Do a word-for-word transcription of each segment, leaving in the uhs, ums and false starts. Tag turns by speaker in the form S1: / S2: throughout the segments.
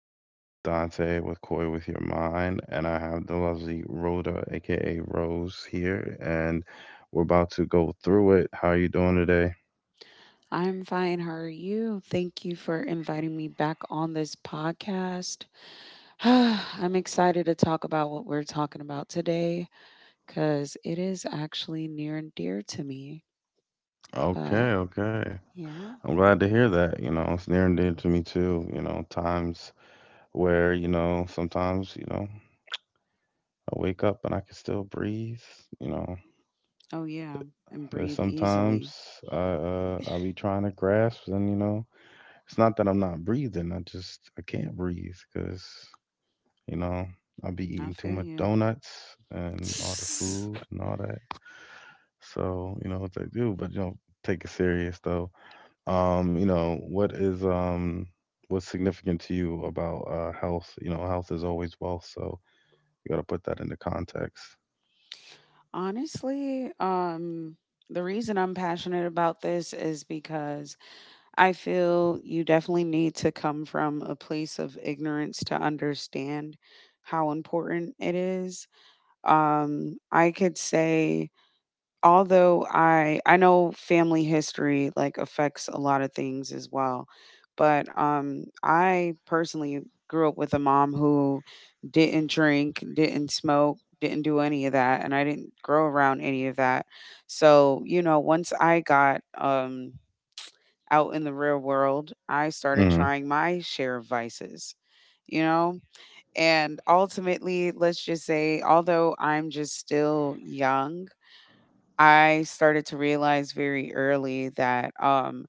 S1: I am Dante with Koi with Your Mind, and I have the lovely Rhoda, aka Rose, here, and we're about to go through it. How are you doing today?
S2: I'm fine. How are you? Thank you for inviting me back on this podcast. I'm excited to talk about what we're talking about today because it is actually near and dear to me.
S1: Okay,
S2: But
S1: okay.
S2: yeah.
S1: I'm glad to hear that. You know, it's near and dear to me too. You know, times where, you know, sometimes, you know, I wake up and I can still breathe. You know,
S2: Oh, yeah. And
S1: there's
S2: breathe
S1: sometimes
S2: easily.
S1: I, uh, I'll be trying to grasp and, you know, it's not that I'm not breathing. I just I can't breathe because you know I'll be
S2: I
S1: eating too
S2: feel
S1: much
S2: you.
S1: donuts and all the food and all that. So you know it's like, dude, but you know, take it serious though. Um, you know what is um what's significant to you about uh health? You know, health is always wealth, so you got to put that into context.
S2: Honestly, um, the reason I'm passionate about this is because I feel you definitely need to come from a place of ignorance to understand how important it is. Um, I could say, although I I know family history like affects a lot of things as well, but um, I personally grew up with a mom who didn't drink, didn't smoke, didn't do any of that, and I didn't grow around any of that. So you know, once I got um out in the real world, I started
S1: Mm-hmm.
S2: trying my share of vices, you know? And ultimately, let's just say, although I'm just still young, I started to realize very early that um,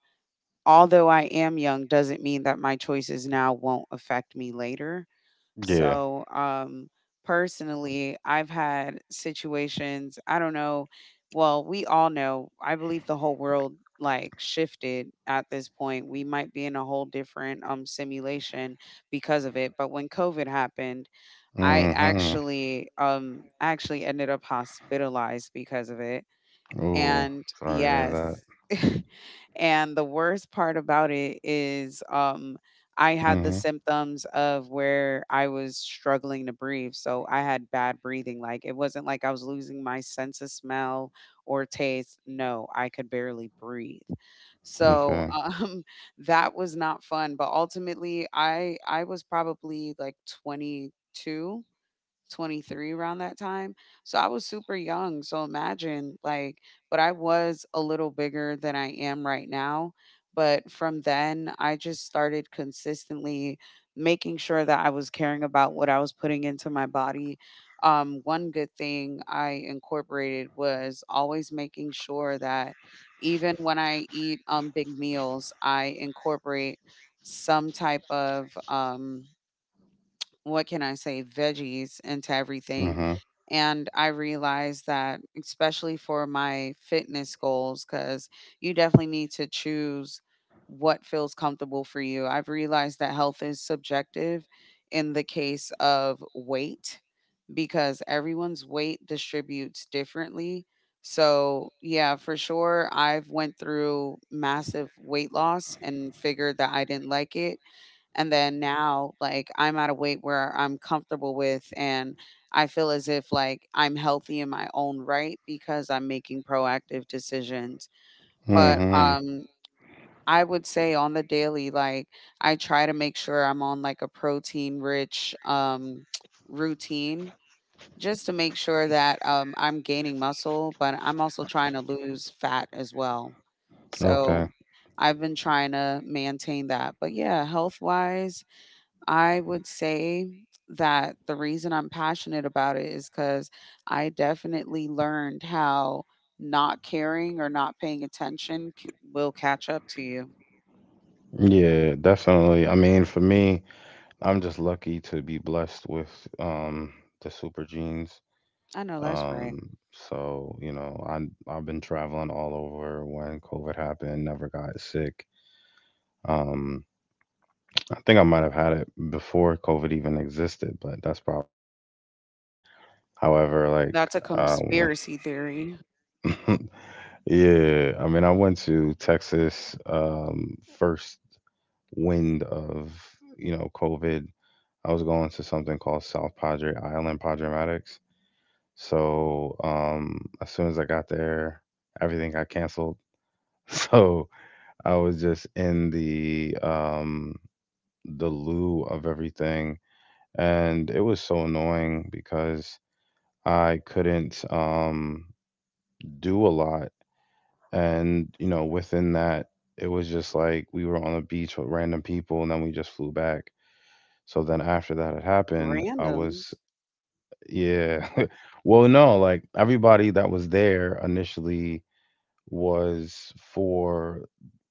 S2: although I am young, doesn't mean that my choices now won't affect me later.
S1: Yeah.
S2: So, um, personally, I've had situations, I don't know, well, we all know, I believe the whole world like shifted at this point. We might be in a whole different um simulation because of it. But when COVID happened, I
S1: Mm-hmm.
S2: actually um actually ended up hospitalized because of it
S1: Oh,
S2: and
S1: sorry to hear that.
S2: yes. and the worst part about it is um I
S1: Mm-hmm.
S2: had the symptoms of where I was struggling to breathe. So I had bad breathing. Like it wasn't like I was losing my sense of smell or taste. No, I could barely breathe. So
S1: Okay.
S2: um that was not fun, but ultimately I I was probably like twenty-two twenty-three around that time. So I was super young. So imagine, like, but I was a little bigger than I am right now. But from then, I just started consistently making sure that I was caring about what I was putting into my body. Um, one good thing I incorporated was always making sure that even when I eat um, big meals, I incorporate some type of um, what can I say, veggies into everything.
S1: Mm-hmm.
S2: And I realized that, especially for my fitness goals, because you definitely need to choose what feels comfortable for you. I've realized that health is subjective in the case of weight because everyone's weight distributes differently. So, yeah, for sure I've went through massive weight loss and figured that I didn't like it, and then now, like, I'm at a weight where I'm comfortable with, and I feel as if, like, I'm healthy in my own right because I'm making proactive decisions. But,
S1: Mm-hmm.
S2: um, I would say on the daily, like, I try to make sure I'm on, like, a protein rich, um, routine just to make sure that, um, I'm gaining muscle, but I'm also trying to lose fat as well. So,
S1: Okay.
S2: I've been trying to maintain that. But yeah, health wise, I would say that the reason I'm passionate about it is because I definitely learned how not caring or not paying attention c- will catch up to you.
S1: Yeah, definitely. I mean, for me, I'm just lucky to be blessed with um the super genes.
S2: I know that's right.
S1: Um, so, you know, I I've been traveling all over when COVID happened, never got sick. Um, I think I might have had it before COVID even existed, but that's probably a different thing. However, like
S2: That's a
S1: um
S2: conspiracy theory.
S1: yeah, I mean, I went to Texas um first wind of, you know, COVID. I was going to something called South Padre Island Padrematics. So um, as soon as I got there, everything got canceled. So I was just in the um, the loo of everything, and it was so annoying because I couldn't um, do a lot. And you know, within that, it was just like we were on the beach with random people, and then we just flew back. So then after that had happened, I was...
S2: Randoms.
S1: Yeah. Well, no, like everybody that was there initially was for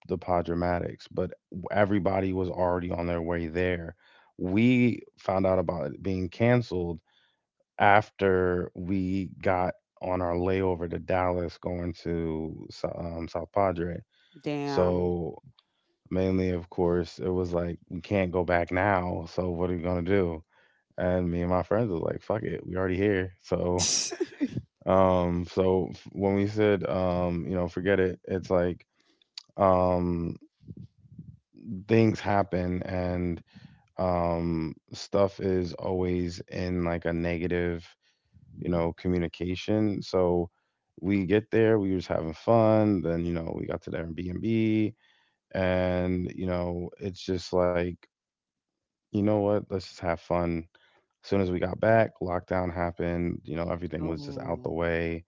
S1: the Podramatics, but everybody was already on their way there. We found out about it being canceled after we got on our layover to Dallas going to Sou- um, South Padre.
S2: Damn.
S1: So, mainly, of course, it was like, we can't go back now. So, what are we going to do? And me and my friends was like, fuck it, we already here. So um, so f- when we said, um, you know, forget it, it's like um, things happen and um, stuff is always in like a negative, you know, communication. So we get there, we was having fun. Then, you know, we got to the Airbnb and, you know, it's just like, you know what, let's just have fun. As soon as we got back, lockdown happened, you know, everything was just out the
S2: Oh,
S1: way.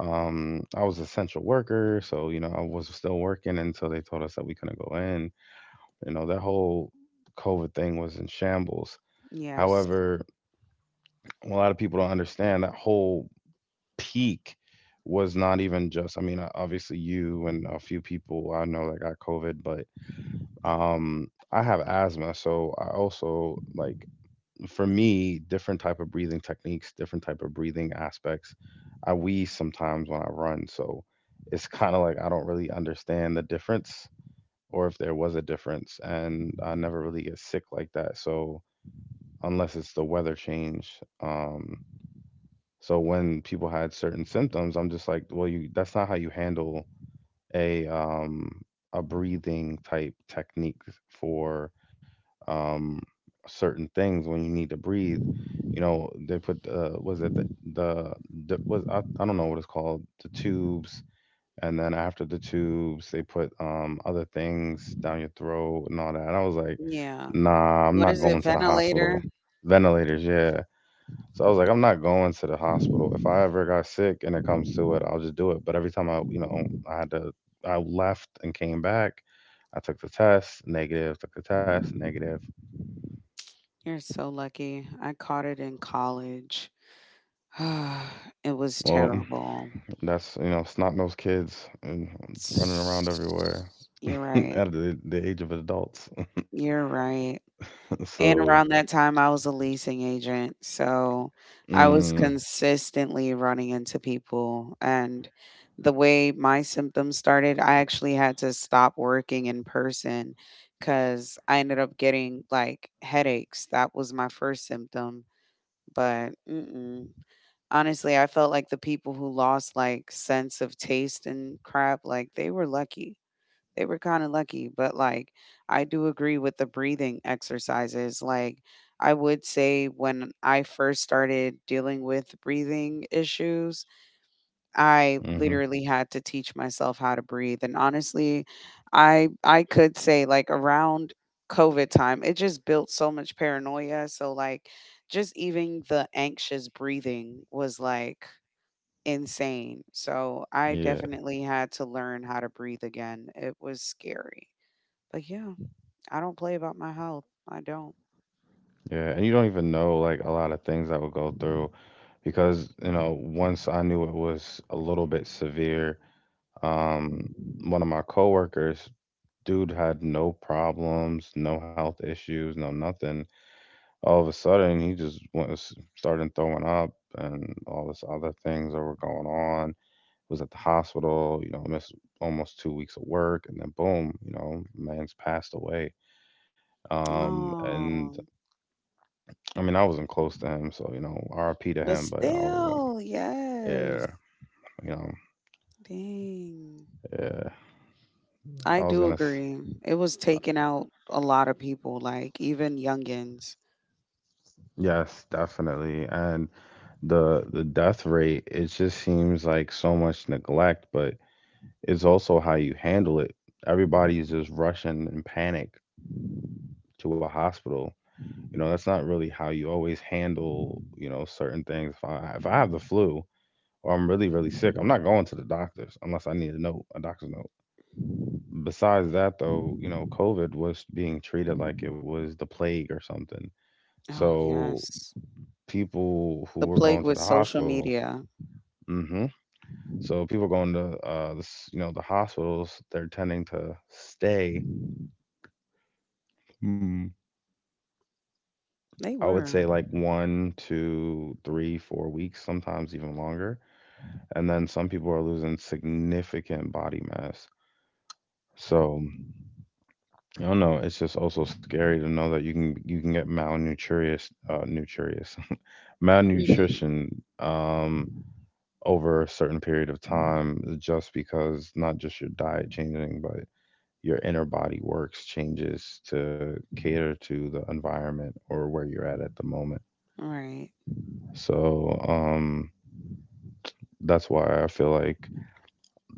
S1: Um, I was essential worker, so you know I was still working until they told us that we couldn't go in. You know that whole COVID thing was in shambles.
S2: yes.
S1: However, a lot of people don't understand that whole peak was not even just. I mean, uh, obviously you and a few people I know that got COVID, but um, I have asthma, so I also like for me, different type of breathing techniques, different type of breathing aspects. I wheeze sometimes when I run, so it's kind of like I don't really understand the difference, or if there was a difference, and I never really get sick like that. So unless it's the weather change, um, so when people had certain symptoms, I'm just like, well, you that's not how you handle a um a breathing type technique for um, certain things when you need to breathe. You know, they put uh, was it the, the the was I, I don't know what it's called, the tubes, and then after the tubes they put um other things down your throat and all that. And I was like,
S2: Yeah.
S1: nah, I'm
S2: What
S1: not
S2: is it?
S1: going to the hospital.
S2: Ventilator?
S1: Ventilators, yeah. So I was like, I'm not going to the hospital. If I ever got sick and it comes to it, I'll just do it. But every time I, you know, I had to, I left and came back. I took the test, negative, took the test, negative.
S2: You're so lucky. I caught it in college. It was
S1: Well, mm,
S2: terrible.
S1: that's you know, snot nosed kids and running around everywhere
S2: You're right.
S1: at the, the age of adults.
S2: You're right. And
S1: So,
S2: around that time, I was a leasing agent. So I was
S1: mm,
S2: consistently running into people. And the way my symptoms started, I actually had to stop working in person because I ended up getting like headaches. That was my first symptom. But mm-mm. Honestly, I felt like the people who lost like sense of taste and crap, like they were lucky. They were kinda lucky, but, like, I do agree with the breathing exercises, like, I would say when I first started dealing with breathing issues, I
S1: hmm
S2: literally had to teach myself how to breathe, and honestly, I I could say, like, around COVID time, it just built so much paranoia, so, like, just even the anxious breathing was, like, insane, so I
S1: yeah,
S2: definitely had to learn how to breathe again. It was scary. But yeah, I don't play about my health. I don't.
S1: yeah, and you don't even know like a lot of things that would go through because you know once I knew it was a little bit severe. Um, one of my coworkers, dude, had no problems, no health issues, no nothing. All of a sudden, he just went, started throwing up and all this other things that were going on, was at the hospital, you know, missed almost two weeks of work, and then boom, you know, man's passed away. Um, and
S2: Oh,
S1: I mean, I wasn't close to him, so you know, R I P to
S2: but
S1: him, but I wasn't.
S2: still, yes.
S1: Yeah, you know,
S2: Dang.
S1: yeah,
S2: I
S1: I
S2: do
S1: was gonna.
S2: agree. It was taking out a lot of people, like even youngins.
S1: Yes, definitely, and the the death rate, it just seems like so much neglect, but it's also how you handle it. Everybody's just rushing in panic to a hospital. You know, that's not really how you always handle, you know, certain things. If I if I have the flu or I'm really really sick, I'm not going to the doctors unless I need a note, a doctor's note. Besides that, though, you know, COVID was being treated like it was the plague or something.
S2: Oh,
S1: So
S2: yes.
S1: people
S2: The
S1: who were
S2: plague
S1: going to
S2: with
S1: the
S2: social
S1: hospital,
S2: media.
S1: hmm, so people going to uh, the, s- you know, the hospitals, they're tending to stay. Hmm.
S2: They
S1: I would
S2: were.
S1: say like one, two, three, four weeks, sometimes even longer. And then some people are losing significant body mass. So I don't know. It's just also scary to know that you can you can get malnutritious, uh, nutritious,
S2: Mhm.
S1: malnutrition um, over a certain period of time just because, not just your diet changing, but your inner body works changes to cater to the environment or where you're at at the moment.
S2: Right.
S1: So um, that's why I feel like...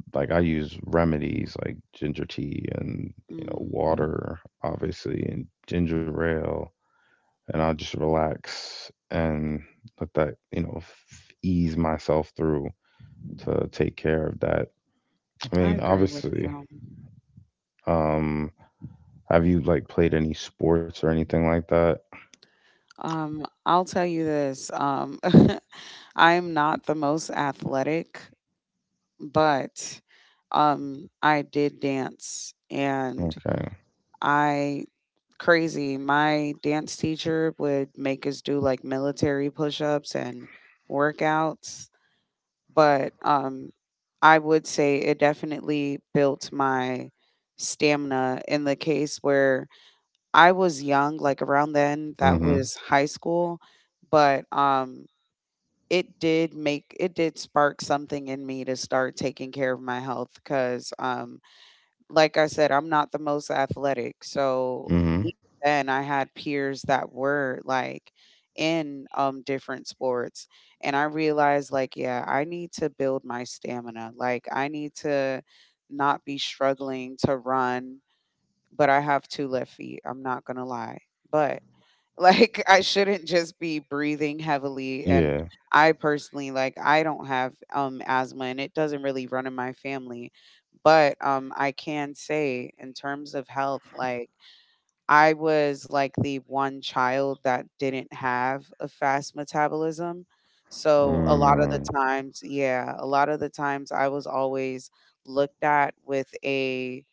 S1: Like I use remedies like ginger tea and you know
S2: Mm.
S1: water, obviously, and ginger ale, and I just relax and let that you know f- ease myself through to take care of that. I
S2: I
S1: mean,
S2: agree with
S1: obviously,
S2: you.
S1: um, have you like played any sports or anything like that?
S2: Um, I'll tell you this. Um, I'm not the most athletic. But, um, I did dance and
S1: Okay.
S2: I crazy, my dance teacher would make us do like military push-ups and workouts, but um I would say it definitely built my stamina in the case where I was young, like around then, that
S1: Mm-hmm.
S2: was high school, but um it did make it did spark something in me to start taking care of my health because um like I said, I'm not the most athletic. So
S1: Mm-hmm.
S2: even then I had peers that were like in um different sports and I realized like yeah, I need to build my stamina. Like I need to not be struggling to run, but I have two left feet. I'm not going to lie. But like I shouldn't just be breathing heavily and
S1: Yeah.
S2: I personally like I don't have um asthma and it doesn't really run in my family. But um I can say in terms of health like I was like the one child that didn't have a fast metabolism. So a lot of
S1: Mm,
S2: the times, yeah, a lot of the times I was always looked at with a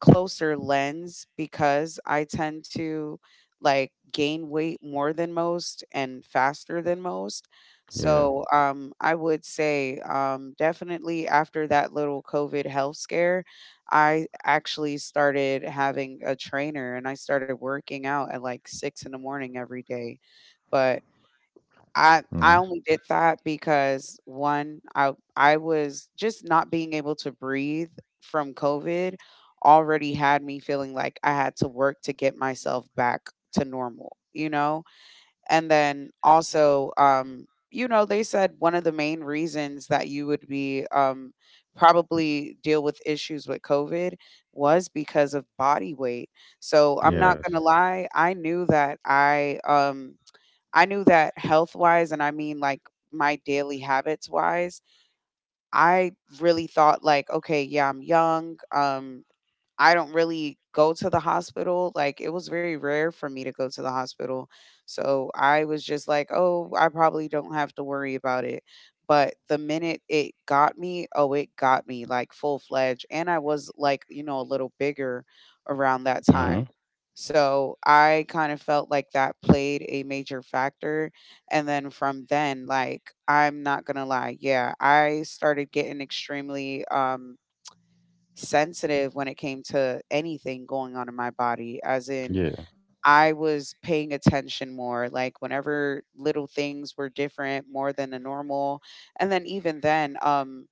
S2: closer lens because I tend to like gain weight more than most and faster than most.
S1: yeah.
S2: So um, I would say um, definitely after that little COVID health scare, I actually started having a trainer and I started working out at like six in the morning every day. But I
S1: Mm-hmm.
S2: I only did that because one, I I was just not being able to breathe from COVID already had me feeling like I had to work to get myself back to normal, you know? And then also, um, you know, they said one of the main reasons that you would be, um, probably deal with issues with COVID was because of body weight. So I'm not
S1: Yes.
S2: gonna lie, I knew that I, um I knew that health wise, and I mean like my daily habits wise, I really thought like, okay, yeah, I'm young. Um, I don't really go to the hospital. Like it was very rare for me to go to the hospital. So I was just like, oh, I probably don't have to worry about it. But the minute it got me, oh, it got me like full fledged. And I was like, you know, a little bigger around that
S1: Mm-hmm.
S2: time. So I kind of felt like that played a major factor. And then from then, like, I'm not going to lie. Yeah, I started getting extremely, um, sensitive when it came to anything going on in my body, as in,
S1: Yeah.
S2: I was paying attention more, like whenever little things were different more than the normal. And then even then, um,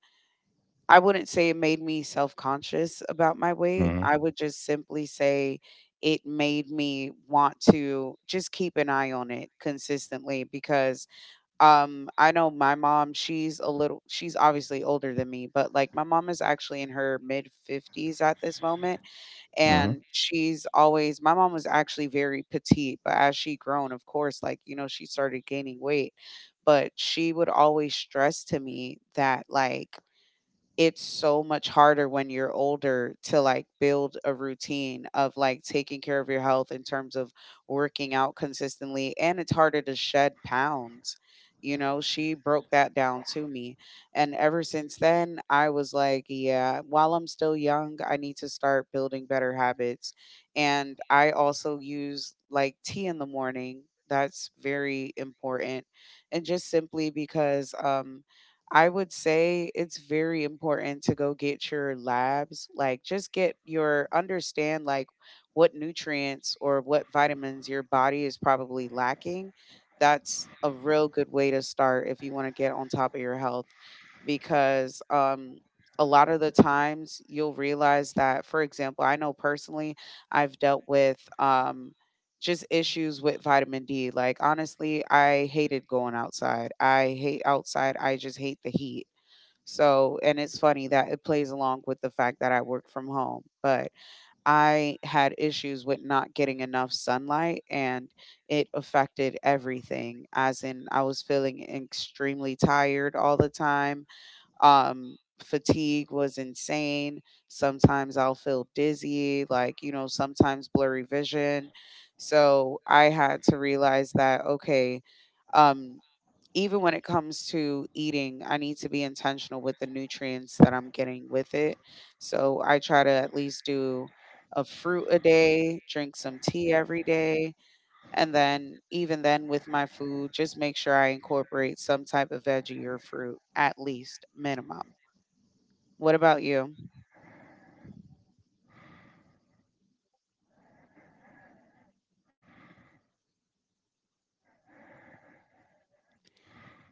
S2: I wouldn't say it made me self conscious about my weight.
S1: Mm-hmm.
S2: I would just simply say it made me want to just keep an eye on it consistently because um, I know my mom, she's a little she's obviously older than me, but, like, my mom is actually in her mid-fifties at this moment,
S1: Mm-hmm. Mm-hmm.
S2: and she's always my mom was actually very petite, but as she grown, of course, like, you know, she started gaining weight, but she would always stress to me that, like it's so much harder when you're older to, like, build a routine of, like, taking care of your health in terms of working out consistently, and it's harder to shed pounds, you know, she broke that down to me, and ever since then, I was like, "Yeah, while I'm still young, I need to start building better habits," and I also use, like, tea in the morning, that's very important, and just simply because, um I would say it's very important to go get your labs, like just get your understand like what nutrients or what vitamins your body is probably lacking. That's a real good way to start if you want to get on top of your health because um a lot of the times you'll realize that for example, I know personally I've dealt with um just issues with vitamin D. Like, honestly, I hated going outside. I hate outside. I just hate the heat. So, and it's funny that it plays along with the fact that I work from home, but I had issues with not getting enough sunlight and it affected everything. As in, I was feeling extremely tired all the time. Um, fatigue was insane. Sometimes I'll feel dizzy, like, you know, sometimes blurry vision. So I had to realize that, okay, um, even when it comes to eating, I need to be intentional with the nutrients that I'm getting with it. So I try to at least do a fruit a day, drink some tea every day, and then even then with my food, just make sure I incorporate some type of veggie or fruit at least minimum. What about you?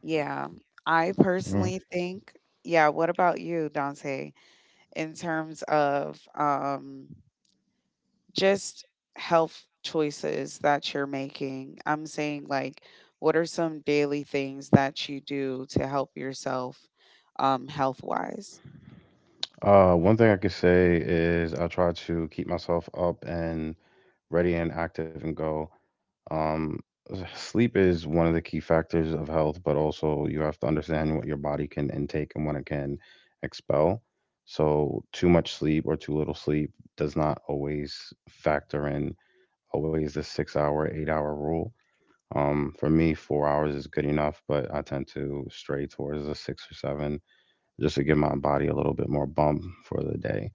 S2: Yeah, I personally think, yeah, what about you, Dante, in terms of um, just health choices that you're making? I'm saying, like, what are some daily things that you do to help yourself um, health wise?
S1: Uh, one thing I could say is I try to keep myself up and ready and active and go. Um, sleep is one of the key factors of health, but also you have to understand what your body can intake and what it can expel. So too much sleep or too little sleep does not always factor in always the six hour, eight hour rule. Um, for me, four hours is good enough, but I tend to stray towards the six or seven just to give my body a little bit more bump for the day.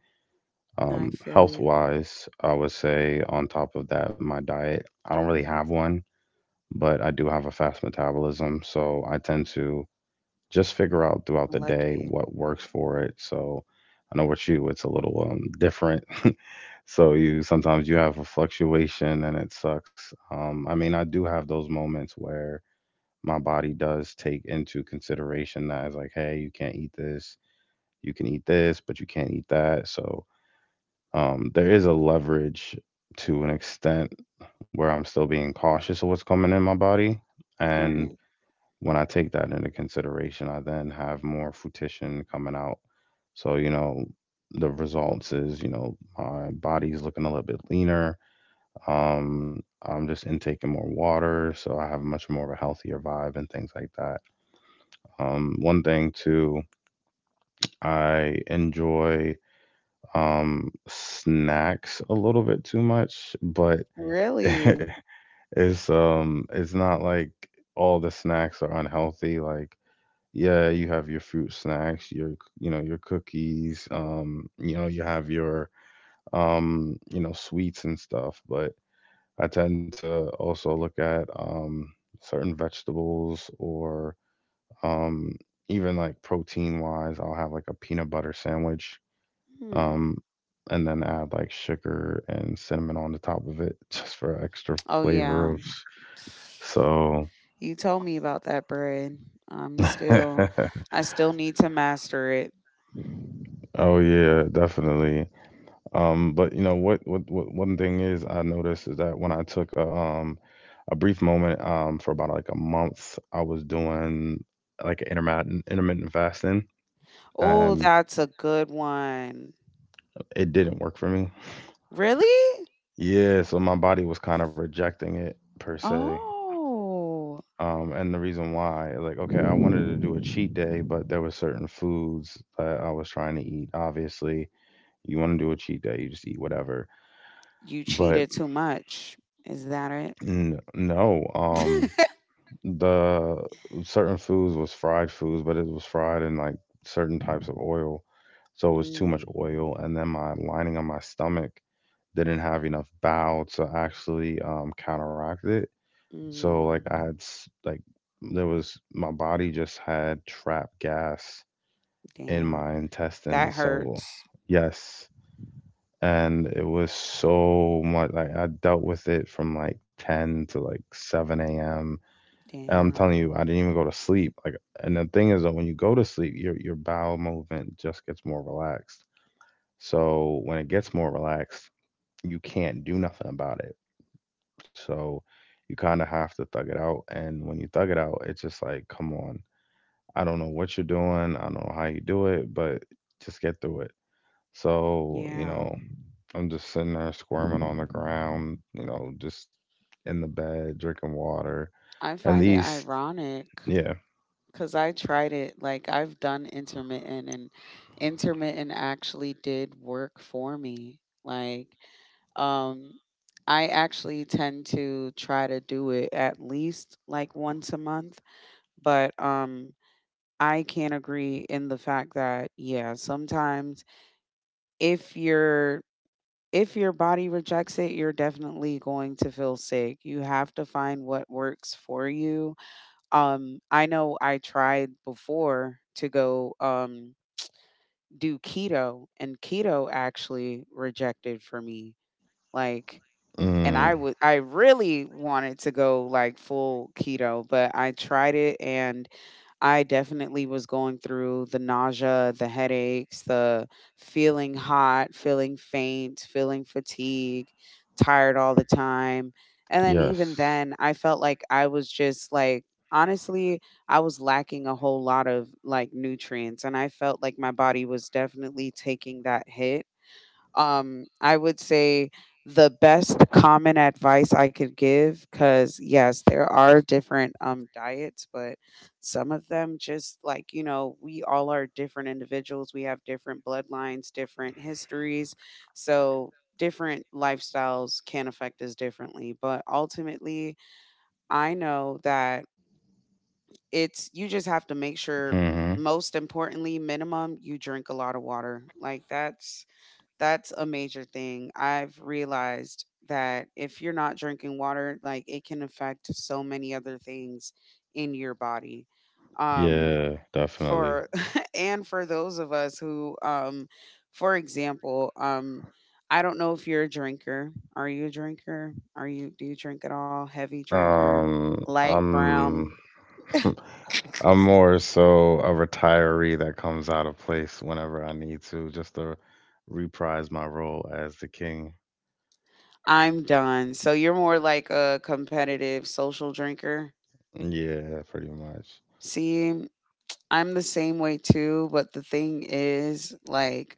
S2: I
S1: Um,
S2: feel
S1: health
S2: you.
S1: wise, I would say on top of that, my diet, I don't really have one, but I do have a fast metabolism. So I tend to just figure out throughout the day
S2: Lucky.
S1: what works for it. So I know with you, it's a little um, different. So you sometimes you have a fluctuation and it sucks. Um, I mean, I do have those moments where my body does take into consideration that it's like, hey, you can't eat this, you can eat this, but you can't eat that. So um, there is a leverage to an extent where I'm still being cautious of what's coming in my body.
S2: All
S1: And
S2: right.
S1: when I take that into consideration, I then have more fruition coming out. So, you know, the results is, you know, my body's looking a little bit leaner. Um, I'm just intaking more water, so I have much more of a healthier vibe and things like that. Um, one thing too, I enjoy um snacks a little bit too much, but
S2: Really?
S1: it's um it's not like all the snacks are unhealthy. Like, yeah, you have your fruit snacks, your, you know, your cookies, um you know, you have your um you know, sweets and stuff, but I tend to also look at um certain vegetables or um even like protein wise, I'll have like a peanut butter sandwich
S2: Hmm.
S1: um and then add like sugar and cinnamon on the top of it just for extra
S2: Oh,
S1: flavor
S2: yeah.
S1: of... So,
S2: You told me about that bread. I'm still I still need to master it.
S1: oh yeah, definitely. Um, but you know what, what, what? One thing is, I noticed is that when I took a um a brief moment um for about like a month, I was doing like intermittent intermittent fasting,
S2: Oh,
S1: and
S2: that's a good one.
S1: it didn't work for me.
S2: Really?
S1: Yeah, so my body was kind of rejecting it per se.
S2: Oh.
S1: Um, and the reason why, like, okay, I wanted to
S2: You
S1: do a cheat day, but there were certain foods that I was trying to eat. Obviously, you want to do a cheat day, you just eat whatever. But
S2: cheated too much. Is that it?
S1: N- no, um, the certain foods was fried foods, but it was fried in like certain types of oil, so it was too much
S2: mm.
S1: oil. And then my lining on my stomach didn't have enough bowel to actually um, counteract it. So like
S2: Mm.
S1: I had s- like there was my body just had trapped gas in my
S2: Damn. That
S1: intestines. So
S2: hurts.
S1: yes, and it was so much. Like I dealt with it from like ten to like seven a m and I'm telling you,
S2: Damn.
S1: I didn't even go to sleep. Like, and the thing is that when you go to sleep, your your bowel movement just gets more relaxed. So when it gets more relaxed, you can't do nothing about it. So you kind of have to thug it out. And when you thug it out, it's just like, come on, I don't know what you're doing. I don't know how you do it, but just get through it. So you
S2: Yeah.
S1: know, I'm just sitting there squirming on the ground. You know, just in the bed drinking water.
S2: I
S1: And
S2: find it
S1: these,
S2: ironic.
S1: yeah.
S2: Because I tried it. Like, I've done intermittent, and intermittent actually did work for me. Like, um, I actually tend to try to do it at least like once a month. But um, I can agree in the fact that, yeah, sometimes if your if your body rejects it, you're definitely going to feel sick. You have to find what works for you. um, I know I tried before to go um, do keto, and keto actually rejected for me. Like, and
S1: Mm.
S2: I would, I really wanted to go like full keto, but I tried it and I definitely was going through the nausea, the headaches, the feeling hot, feeling faint, feeling fatigue, tired all the time. And then
S1: Yes.
S2: even then, I felt like I was just like, honestly, I was lacking a whole lot of like nutrients. And I felt like my body was definitely taking that hit. um, I would say the best common advice I could give, because yes, there are different um, diets, but some of them just like, you know, we all are different individuals. We have different bloodlines, different histories. So different lifestyles can affect us differently. But ultimately, I know that it's you just have to make sure
S1: Hmm.
S2: most importantly minimum you drink a lot of water, like that's that's a major thing. I've realized that if you're not drinking water, like it can affect so many other things in your body. Um
S1: Yeah, definitely.
S2: for and for those of us who um for example, um I don't know if you're a drinker. Are you a drinker? Are you do you drink at all? Heavy drinker,
S1: Um,
S2: light
S1: I'm
S2: brown?
S1: I'm more so a retiree that comes out of place whenever I need to, just to reprise my role as the king.
S2: I'm done. So you're more like a competitive social drinker.
S1: Yeah, pretty much.
S2: See? I'm the same way too, but the thing is, like,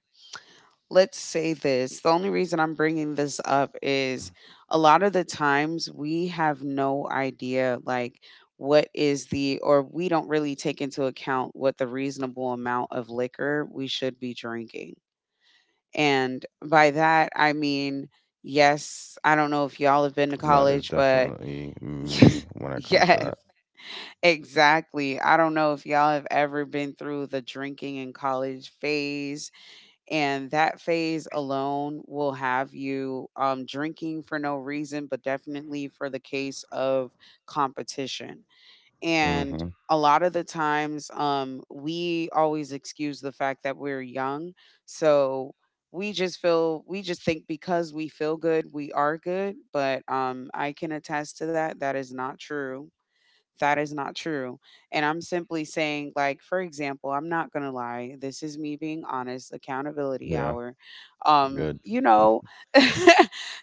S2: let's say this. The only reason I'm bringing this up is a lot of the times we have no idea, like, what is the, or we don't really take into account what the reasonable amount of liquor we should be drinking. And by that, I mean, yes, I don't know if y'all have been
S1: And
S2: to
S1: that is
S2: college, but
S1: definitely me when it comes to
S2: yes,
S1: that.
S2: exactly. I don't know if y'all have ever been through the drinking in college phase, and that phase alone will have you um, drinking for no reason, but definitely for the case of competition. And
S1: Hmm.
S2: a lot of the times, um, we always excuse the fact that we're young. So we just feel, we just think because we feel good, we are good. But um, I can attest to that. That is not true that is not true. And I'm simply saying, like, for example, I'm not gonna lie, this is me being honest, accountability
S1: Yeah,
S2: hour. Um,
S1: good.
S2: you know,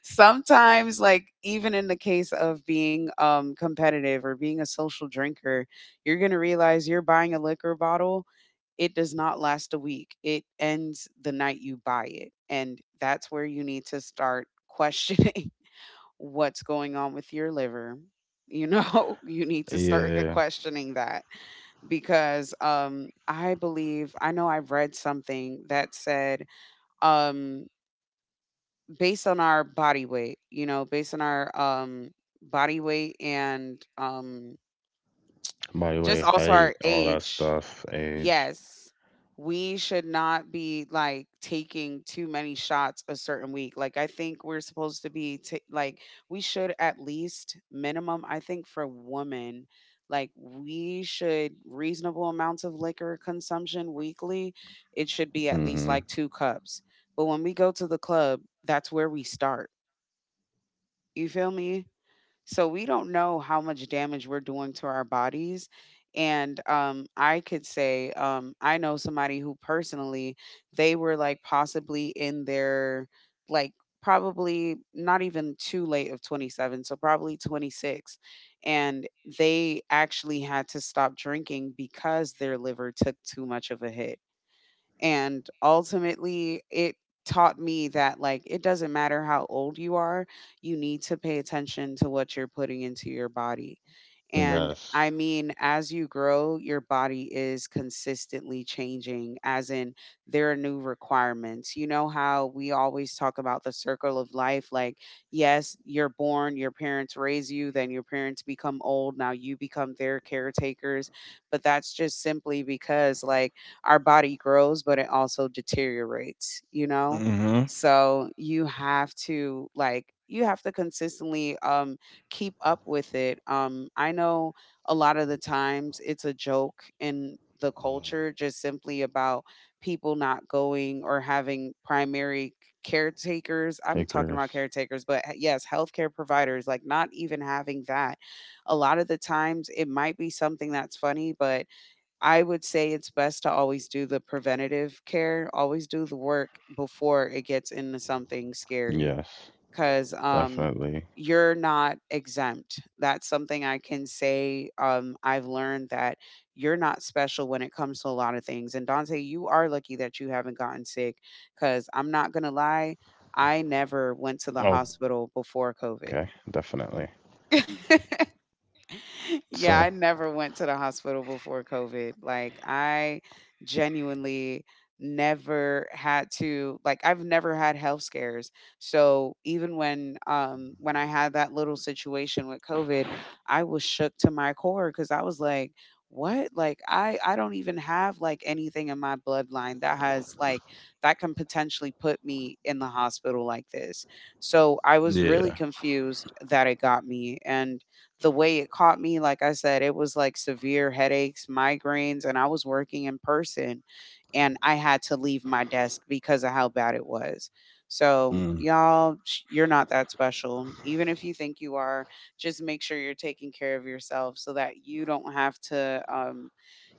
S2: sometimes like even in the case of being um competitive or being a social drinker, you're gonna realize you're buying a liquor bottle, it does not last a week. It ends the night you buy it. And that's where you need to start questioning what's going on with your liver, you know you need to start uh,
S1: Yeah,
S2: questioning that because um i believe I know I've read something that said um based on our body weight, you know based on our um body weight and um
S1: body weight,
S2: just also our
S1: height, all that
S2: age.
S1: stuff, age.
S2: Yes. We should not be like taking too many shots a certain week. Like, I think we're supposed to be ta like, we should at least minimum, I think for women, like, we should reasonable amounts of liquor consumption weekly. It should be at least
S1: Hmm.
S2: like two cups. But when we go to the club, that's where we start. You feel me? So we don't know how much damage we're doing to our bodies. And um, I could say, um, I know somebody who personally, they were like possibly in their, like, probably not even too late of twenty-seven, so probably twenty-six. And they actually had to stop drinking because their liver took too much of a hit and ultimately, it taught me that, like, it doesn't matter how old you are, you need to pay attention to what you're putting into your body. And
S1: Yes.
S2: I mean, as you grow, your body is consistently changing, as in, there are new requirements. You know how we always talk about the circle of life? Like, yes, you're born, your parents raise you, then your parents become old, now you become their caretakers. But that's just simply because, like, our body grows, but it also deteriorates, you know?
S1: Hmm.
S2: So you have to like you have to consistently um keep up with it. Um I know a lot of the times it's a joke in the culture just simply about people not going or having primary caretakers. I'm talking about
S1: Acres.
S2: caretakers, but h- yes, healthcare providers like not even having that. A lot of the times it might be something that's funny, but I would say it's best to always do the preventative care, always do the work before it gets into something scary,
S1: Yes,
S2: 'cause, um,
S1: definitely.
S2: you're not exempt. That's something I can say, um, I've learned that you're not special when it comes to a lot of things, and Dante, you are lucky that you haven't gotten sick, 'cause I'm not gotten sick, because I am not going to lie, I never went to the
S1: Okay,
S2: hospital before
S1: definitely.
S2: COVID.
S1: So,
S2: Yeah, I never went to the hospital before COVID. Like, I genuinely never had to, like I've never
S1: mhm.
S2: had health scares. So, even when um when I had that little situation with COVID, I was shook to my core cuz I was like, what? Like I I don't even have like anything in my bloodline that has like that can potentially put me in the hospital like this. So, I was really
S1: Yeah.
S2: confused that it got me and the way it caught me, like I said, it was like severe headaches, migraines, and I was working in person and I had to leave my desk because of how bad it was. So,
S1: Mm.
S2: y'all, sh- you're not that special. Even if you think you are, just make sure you're taking care of yourself so that you don't have to um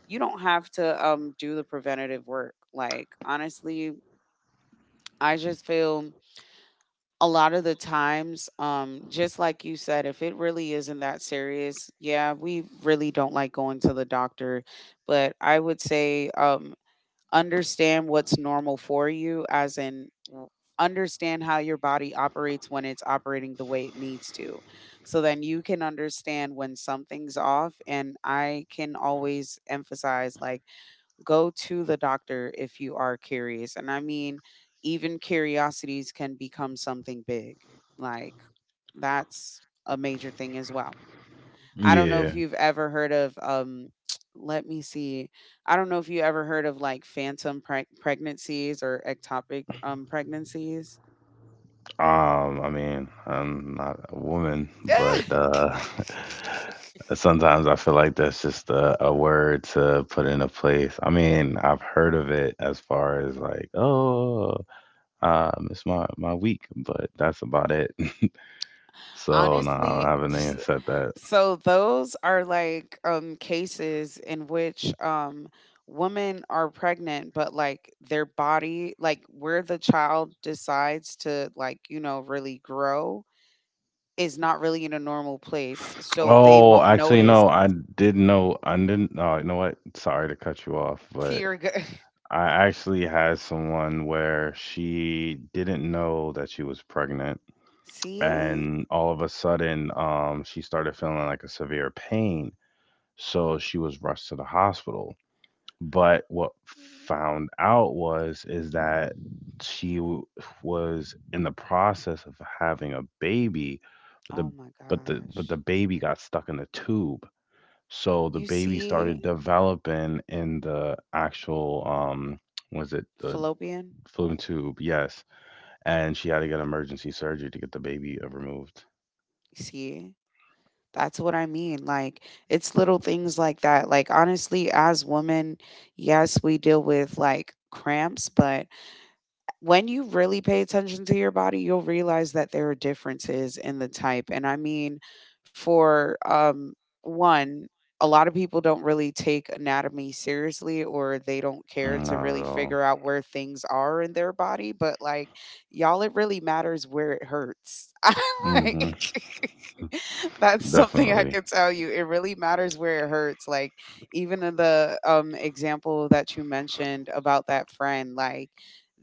S2: you don't have to um do the preventative work. Like honestly, I just feel a lot of the times, um, just like you said, if it really isn't that serious, yeah, we really don't like going to the doctor. But I would say um, understand what's normal for you, as in w- understand how your body operates when it's operating the way it needs to. So then you can understand when something's off. And I can always emphasize, like, go to the doctor if you are curious. And I mean, even curiosities can become something big. Like, that's a major thing as well. I don't know if
S1: Yeah.
S2: you've ever heard of, um, let me see. I don't know if you ever heard of like phantom preg- pregnancies or ectopic um, pregnancies.
S1: Um, I mean, I'm not a woman, but uh sometimes I feel like that's just a, a word to put in a place. I mean, I've heard of it as far as like, oh, uh, miss my my week, but that's about it. So no,
S2: Honestly,
S1: I haven't even said that.
S2: so those are like um cases in which um women are pregnant but like their body like where the child decides to like you know really grow is not really in a normal place so they
S1: Oh,
S2: won't
S1: actually,
S2: notice.
S1: no, I did know. I didn't. Oh, you know what? Sorry to cut you off, but
S2: fear go-
S1: I actually had someone where she didn't know that she was pregnant,
S2: see.
S1: and all of a sudden, um, she started feeling like a severe pain. So she was rushed to the hospital. But what found out was is that she w- was in the process of having a baby, but
S2: Oh
S1: the
S2: my
S1: but the but the
S2: gosh.
S1: baby got stuck in the tube. So the
S2: You
S1: baby started
S2: see?
S1: developing in the actual um was it the
S2: Fallopian.
S1: Falloon tube, yes, and she had to get emergency surgery to get the baby uh, removed.
S2: You see? That's what I mean. Like, it's little things like that. Like, honestly, as women, yes, we deal with like cramps, but when you really pay attention to your body, you'll realize that there are differences in the type. And I mean, for um, one, a lot of people don't really take anatomy seriously or they don't care
S1: Mm,
S2: to
S1: not
S2: really
S1: at all.
S2: figure out where things are in their body. But, like, y'all, it really matters where it hurts.
S1: Hmm.
S2: like. That's something I
S1: Definitely.
S2: could tell you. It really matters where it hurts. Like even in the um example that you mentioned about that friend, like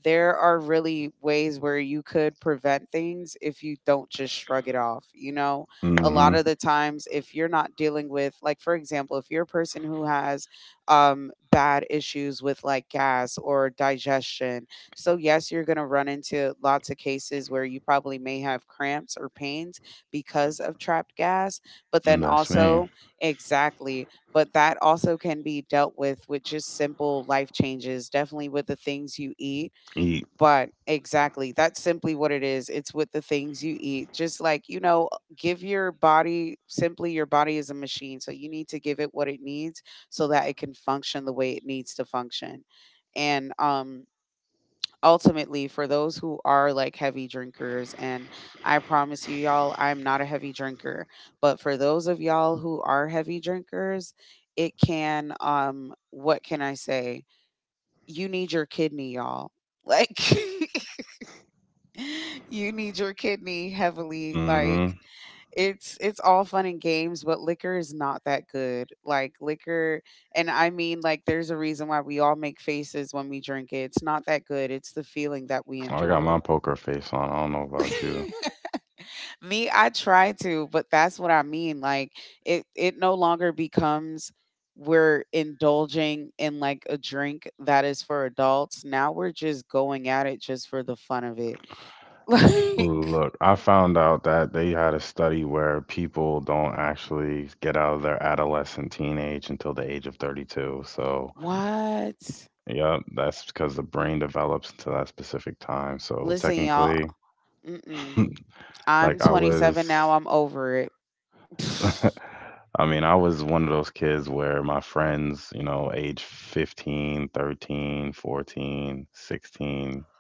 S2: there are really ways where you could prevent things if you don't just shrug it off. You know, a
S1: Hmm.
S2: lot of the times if you're not dealing with like, for example, if you're a person who has um bad issues with like gas or digestion, so yes, you're going to run into lots of cases where you probably may have cramps or pains because of trapped gas, but then
S1: That's me.
S2: also exactly, but that also can be dealt with with just simple life changes, definitely with the things you eat.
S1: Eat.
S2: But exactly, that's simply what it is. It's with the things you eat. Just like, you know, give your body simply your body is a machine, so you need to give it what it needs so that it can function the way it needs to function. And um ultimately for those who are like heavy drinkers, and I promise you y'all, I'm not a heavy drinker, but for those of y'all who are heavy drinkers, it can um what can I say, you need your kidney, y'all, like you need your kidney heavily. Like
S1: Hmm.
S2: it's it's all fun and games, but liquor is not that good. Like liquor, and I mean, like, there's a reason why we all make faces when we drink it. It's not that good. It's the feeling that we
S1: I got
S2: enjoy.
S1: my poker face on. I don't know about you.
S2: Me, I try to, but that's what I mean. Like, it it no longer becomes we're indulging in like a drink that is for adults. Now we're just going at it just for the fun of it. Like
S1: Look, I found out that they had a study where people don't actually get out of their adolescent teenage until the age of thirty-two. So,
S2: what?
S1: yep, that's because the brain develops to that specific time. So,
S2: Listen, y'all.
S1: technically,
S2: Mm-mm. I'm
S1: like I was
S2: twenty-seven now. I'm over it.
S1: I mean, I was one of those kids where my friends, you know, age fifteen, thirteen, fourteen, sixteen,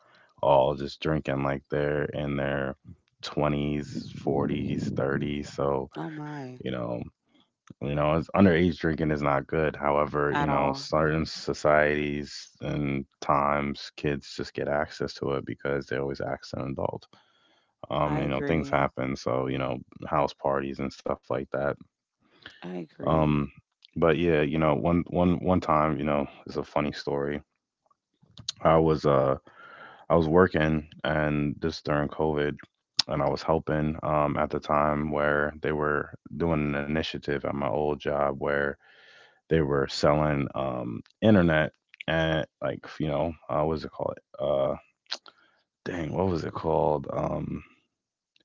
S1: all just drinking like they're in their twenties, forties, thirties. So,
S2: Oh my.
S1: you know, you know, it's, underage drinking is not good. However, you
S2: At
S1: know,
S2: all.
S1: certain societies and times kids just get access to it because they always ask an adult. Um,
S2: I
S1: you know, things
S2: agree.
S1: happen. So, you know, house parties and stuff like that
S2: I
S1: um,
S2: agree.
S1: but yeah, you know, one one one time, you know, it's a funny story. I was uh I was working and this during COVID and I was helping um at the time where they were doing an initiative at my old job where they were selling um internet and like, you know, uh what was it called? Uh dang, what was it called? Um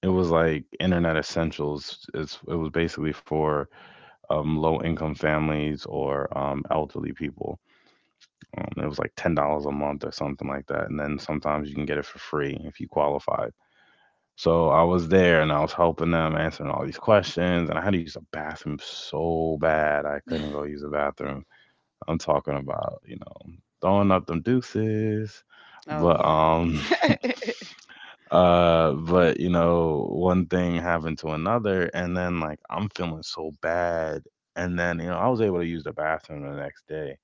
S1: it was like internet essentials. It's it was basically for um low income families or um elderly people. Um, it was like ten dollars a month or something like that, and then sometimes you can get it for free if you qualified. So I was there and I was helping them answering all these questions, and I had to use the bathroom so bad I couldn't go use the bathroom. I'm talking about you know throwing up them deuces,
S2: Oh
S1: but
S2: yeah.
S1: um uh but you know one thing happened to another, and then like I'm feeling so bad, and then you know I was able to use the bathroom the next day.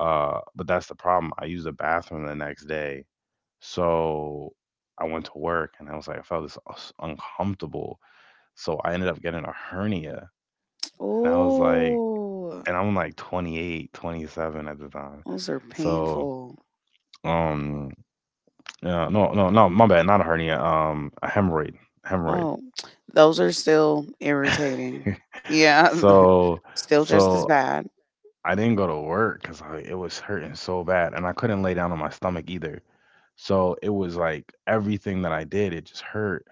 S1: Uh, but that's the problem. I used the bathroom the next day. So I went to work and I was like, I felt this us- uncomfortable. So I ended up getting a hernia. And I was like,
S2: Ooh.
S1: and I'm like twenty-eight, twenty-seven at the time.
S2: Those are
S1: So,
S2: painful.
S1: um, yeah, no, no, no, my bad, not a hernia, um, a hemorrhoid, hemorrhoid.
S2: Oh, those are still irritating. Yeah,
S1: So,
S2: still just as
S1: so
S2: bad.
S1: I didn't go to work because it was hurting so bad, and I couldn't lay down on my stomach either. So it was like everything that I did, it just hurt.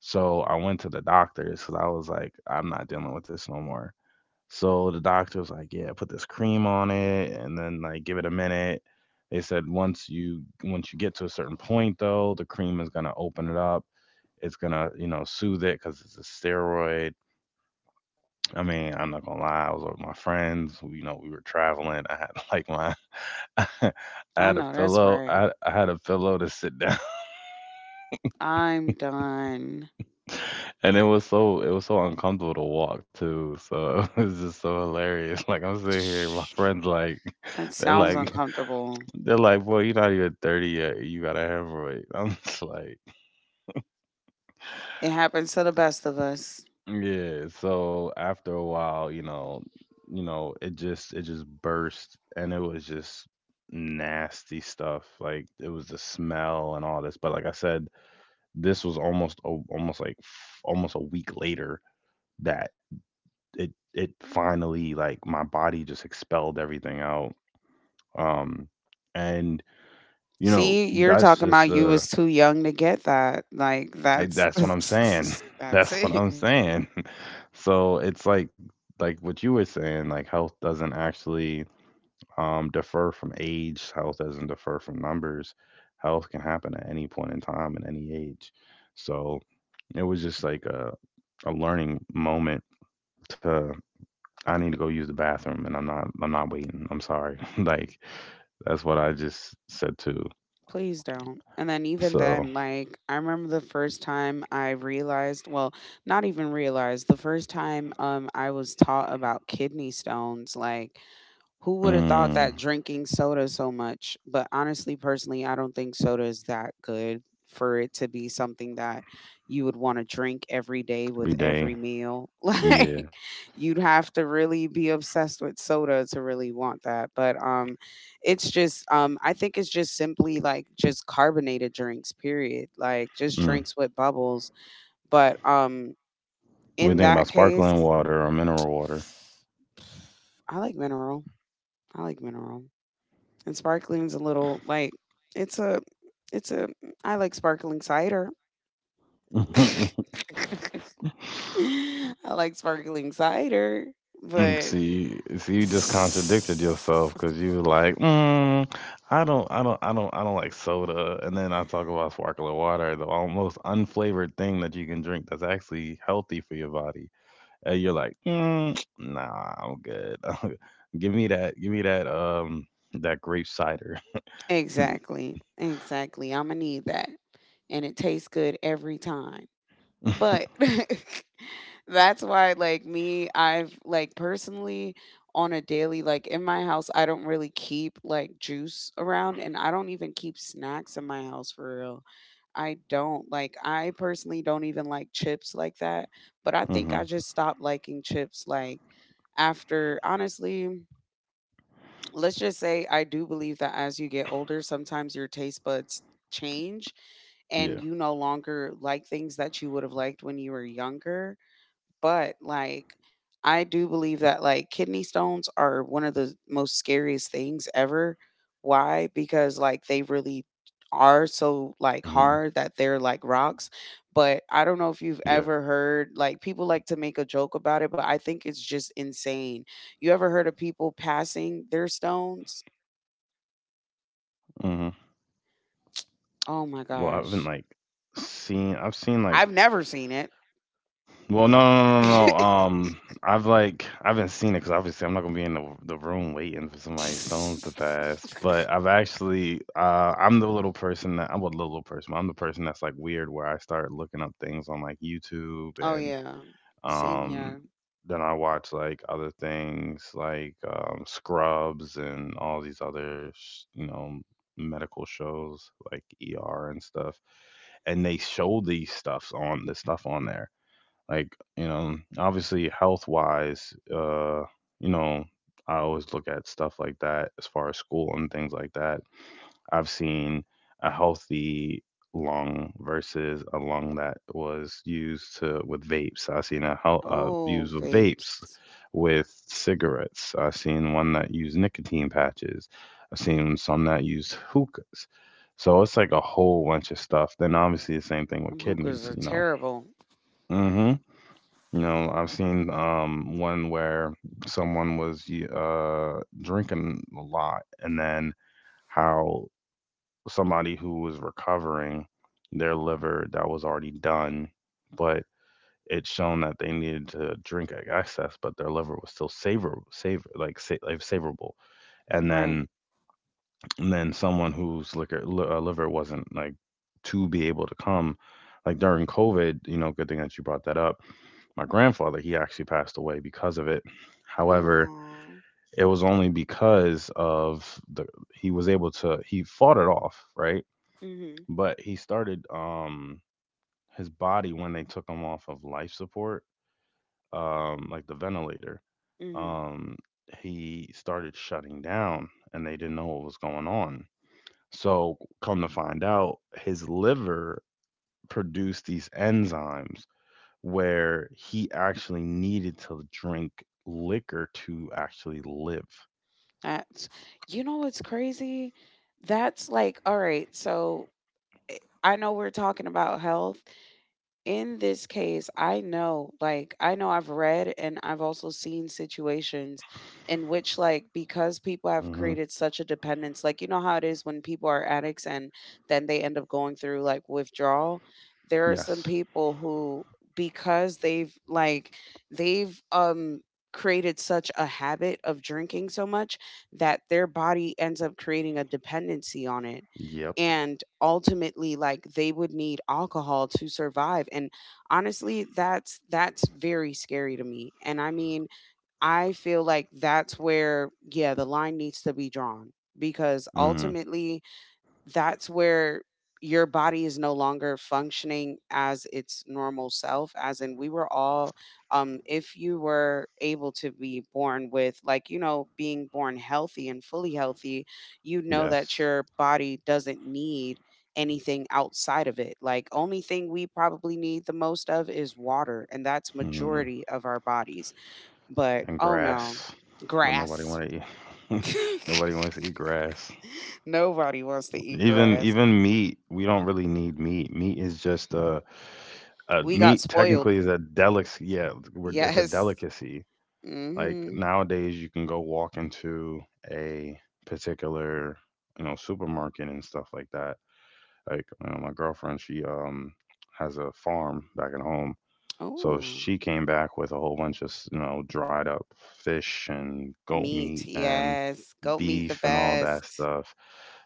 S1: So I went to the doctors because I was like, I'm not dealing with this no more. So the doctor was like, yeah, put this cream on it and then like give it a minute. They said once you once you get to a certain point though, the cream is gonna open it up. It's gonna, you know, soothe it because it's a steroid. I mean, I'm not gonna lie, I was with my friends. Who, you know, we were traveling. I had like my I
S2: I
S1: had a
S2: know that's
S1: pillow.
S2: right.
S1: I, I had a pillow to sit down.
S2: I'm done.
S1: And it was so it was so uncomfortable to walk too. So it was just so hilarious. Like I'm sitting here, my
S2: Shh.
S1: friends like
S2: That
S1: they're
S2: sounds
S1: like
S2: uncomfortable.
S1: they're like, boy, you're not even thirty yet. You got a hemorrhoid. I'm just like,
S2: It happens to the best of us.
S1: yeah. So after a while, you know, you know, it just it just burst and it was just nasty stuff. Like it was the smell and all this. But like I said, this was almost a, almost like f- almost a week later that it it finally like my body just expelled everything out. Um, and you know
S2: See, you're
S1: that's
S2: talking
S1: just
S2: about you
S1: the
S2: was too young to get that. Like
S1: like,
S2: that's
S1: that's what I'm saying.
S2: that's
S1: That's what
S2: it.
S1: I'm saying. So it's like like what you were saying, like health doesn't actually um, defer from age. Health doesn't defer from numbers. Health can happen at any point in time and any age. So it was just like a, a learning moment to I need to go use the bathroom and I'm not I'm not waiting. I'm sorry. like that's what I just said too.
S2: Please don't. And then even
S1: So,
S2: then, like, I remember the first time I realized, well, not even realized, the first time um I was taught about kidney stones, like, who would have thought
S1: mm,
S2: that drinking soda so much? But honestly, personally, I don't think soda is that good for it to be something that you would want to drink every day with
S1: every day,
S2: every meal.
S1: yeah.
S2: Like, you'd have to really be obsessed with soda to really want that. But um it's just um I think it's just simply like just carbonated drinks, period. Like just
S1: Mm.
S2: drinks with bubbles. But um
S1: What do you
S2: in
S1: think about
S2: that
S1: sparkling
S2: case,
S1: water or mineral water?
S2: I like mineral. I like mineral. And sparkling's a little like, it's a it's a I like sparkling cider. I like sparkling cider, but
S1: see, see, you just contradicted yourself because you was like, mm, I don't, I don't, I don't, I don't like soda, and then I talk about sparkling water, the almost unflavored thing that you can drink that's actually healthy for your body, and you're like, mm, nah, I'm good. give me that, give me that, um, that grape cider.
S2: exactly, exactly. I'm gonna need that, and it tastes good every time. But that's why like me, I've like personally, on a daily, like, in my house, I don't really keep like juice around, and I don't even keep snacks in my house for real. I don't like, I personally don't even like chips like that, but I think I
S1: Hmm.
S2: just stopped liking chips like after honestly, let's just say I do believe that as you get older, sometimes your taste buds change, and
S1: Yeah.
S2: you no longer like things that you would have liked when you were younger. But, like, I do believe that, like, kidney stones are one of the most scariest things ever. Why? Because, like, they really are so, like,
S1: Mhm.
S2: hard that they're like rocks. But I don't know if you've
S1: Yeah.
S2: ever heard, like, people like to make a joke about it, but I think it's just insane. You ever heard of people passing their stones?
S1: Mhm. Well, I
S2: Oh my
S1: haven't like
S2: gosh.
S1: seen. I've seen like.
S2: I've never seen it.
S1: Well, no, no, no, no, no. no. Um, I've like I haven't seen it because obviously I'm not gonna be in the the room waiting for somebody's stones to pass. But I've actually uh I'm the little person that I'm a little person. I'm the person that's like weird where I start looking up things on like YouTube
S2: Oh
S1: and
S2: yeah. Same
S1: Um,
S2: here.
S1: then I watch like other things like um, Scrubs and all these other, sh- you know, medical shows like E R and stuff. And they show these stuffs on the stuff on there. Like, you know, obviously health wise, uh, you know, I always look at stuff like that as far as school and things like that. I've seen a healthy lung versus a lung that was used to with vapes. I've seen a hel- uh,
S2: Oh,
S1: views of
S2: vapes.
S1: vapes with cigarettes. I've seen one that used nicotine patches. I've seen some that use hookahs. So it's like a whole bunch of stuff. Then obviously the same thing with
S2: Them hookers
S1: kidneys.
S2: are
S1: You know.
S2: terrible.
S1: Hmm. You know, I've seen um one where someone was y- uh drinking a lot and then how somebody who was recovering their liver that was already done, but it shown that they needed to drink excess, but their liver was still savor savor like sa- like savorable, and then
S2: Right.
S1: and then someone whose liquor li- uh, liver wasn't like to be able to come. Like during COVID, you know, good thing that you brought that up. My grandfather, he actually passed away because of it. However,
S2: Oh.
S1: it was only because of the he was able to he fought it off, right?
S2: Mhm.
S1: But he started um his body when they took him off of life support, um like the ventilator,
S2: Mhm.
S1: um he started shutting down, and they didn't know what was going on. So come to find out, his liver produced these enzymes where he actually needed to drink liquor to actually live.
S2: That's, you know what's crazy? That's like, all right, so I know we're talking about health, in this case, I know, like, I know I've read and I've also seen situations in which, like, because people have
S1: Hmm.
S2: created such a dependence, like, you know how it is when people are addicts and then they end up going through like withdrawal. There are some
S1: Yes.
S2: people who, because they've like, they've, um, created such a habit of drinking so much that their body ends up creating a dependency on it,
S1: Yep.
S2: and ultimately like they would need alcohol to survive. And honestly, that's that's very scary to me. And I mean, I feel like that's where, yeah, the line needs to be drawn, because
S1: Hmm.
S2: ultimately that's where your body is no longer functioning as its normal self, as in, we were all um if you were able to be born with, like, you know, being born healthy and fully healthy, you know that
S1: Yes.
S2: your body doesn't need anything outside of it. Like, only thing we probably need the most of is water, and that's
S1: Mhm.
S2: majority of our bodies. But
S1: And
S2: oh no,
S1: grass, but nobody
S2: grass.
S1: want to eat. Nobody wants to eat grass.
S2: Nobody wants to eat
S1: Even
S2: grass.
S1: even meat, we don't really need meat. Meat is just a, a
S2: We got
S1: meat.
S2: spoiled.
S1: Technically, is a delic. Yeah, we're, it's a
S2: Yes.
S1: delicacy. Like
S2: Hmm.
S1: nowadays, you can go walk into a particular, you know, supermarket and stuff like that. Like, you know, my girlfriend, she um has a farm back at home. So
S2: Oh,
S1: she came back with a whole bunch of, s- you know, dried up fish and goat meat
S2: meat.
S1: and
S2: Yes. Goat meat, the
S1: beef and all that
S2: best.
S1: stuff.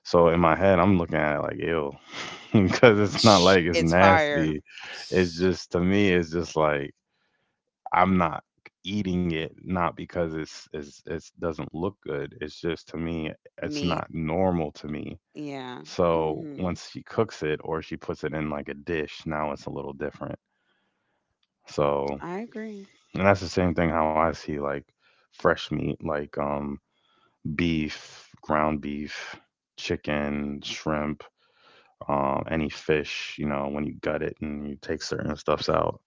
S1: So in my head, I'm looking at it like ew, because it's not
S2: Shh,
S1: like it's
S2: it's fire.
S1: nasty. It's
S2: Shh,
S1: just to me, it's just like I'm not eating it, not because it's it's it doesn't look good. It's just to me, it's
S2: meat.
S1: not normal to me.
S2: Yeah.
S1: So
S2: Hmm.
S1: once she cooks it or she puts it in like a dish, now it's a little different. So
S2: I agree.
S1: and that's the same thing how I see, like, fresh meat, like, um beef, ground beef, chicken, shrimp. Um, any fish, you know, when you gut it and you take certain stuffs out,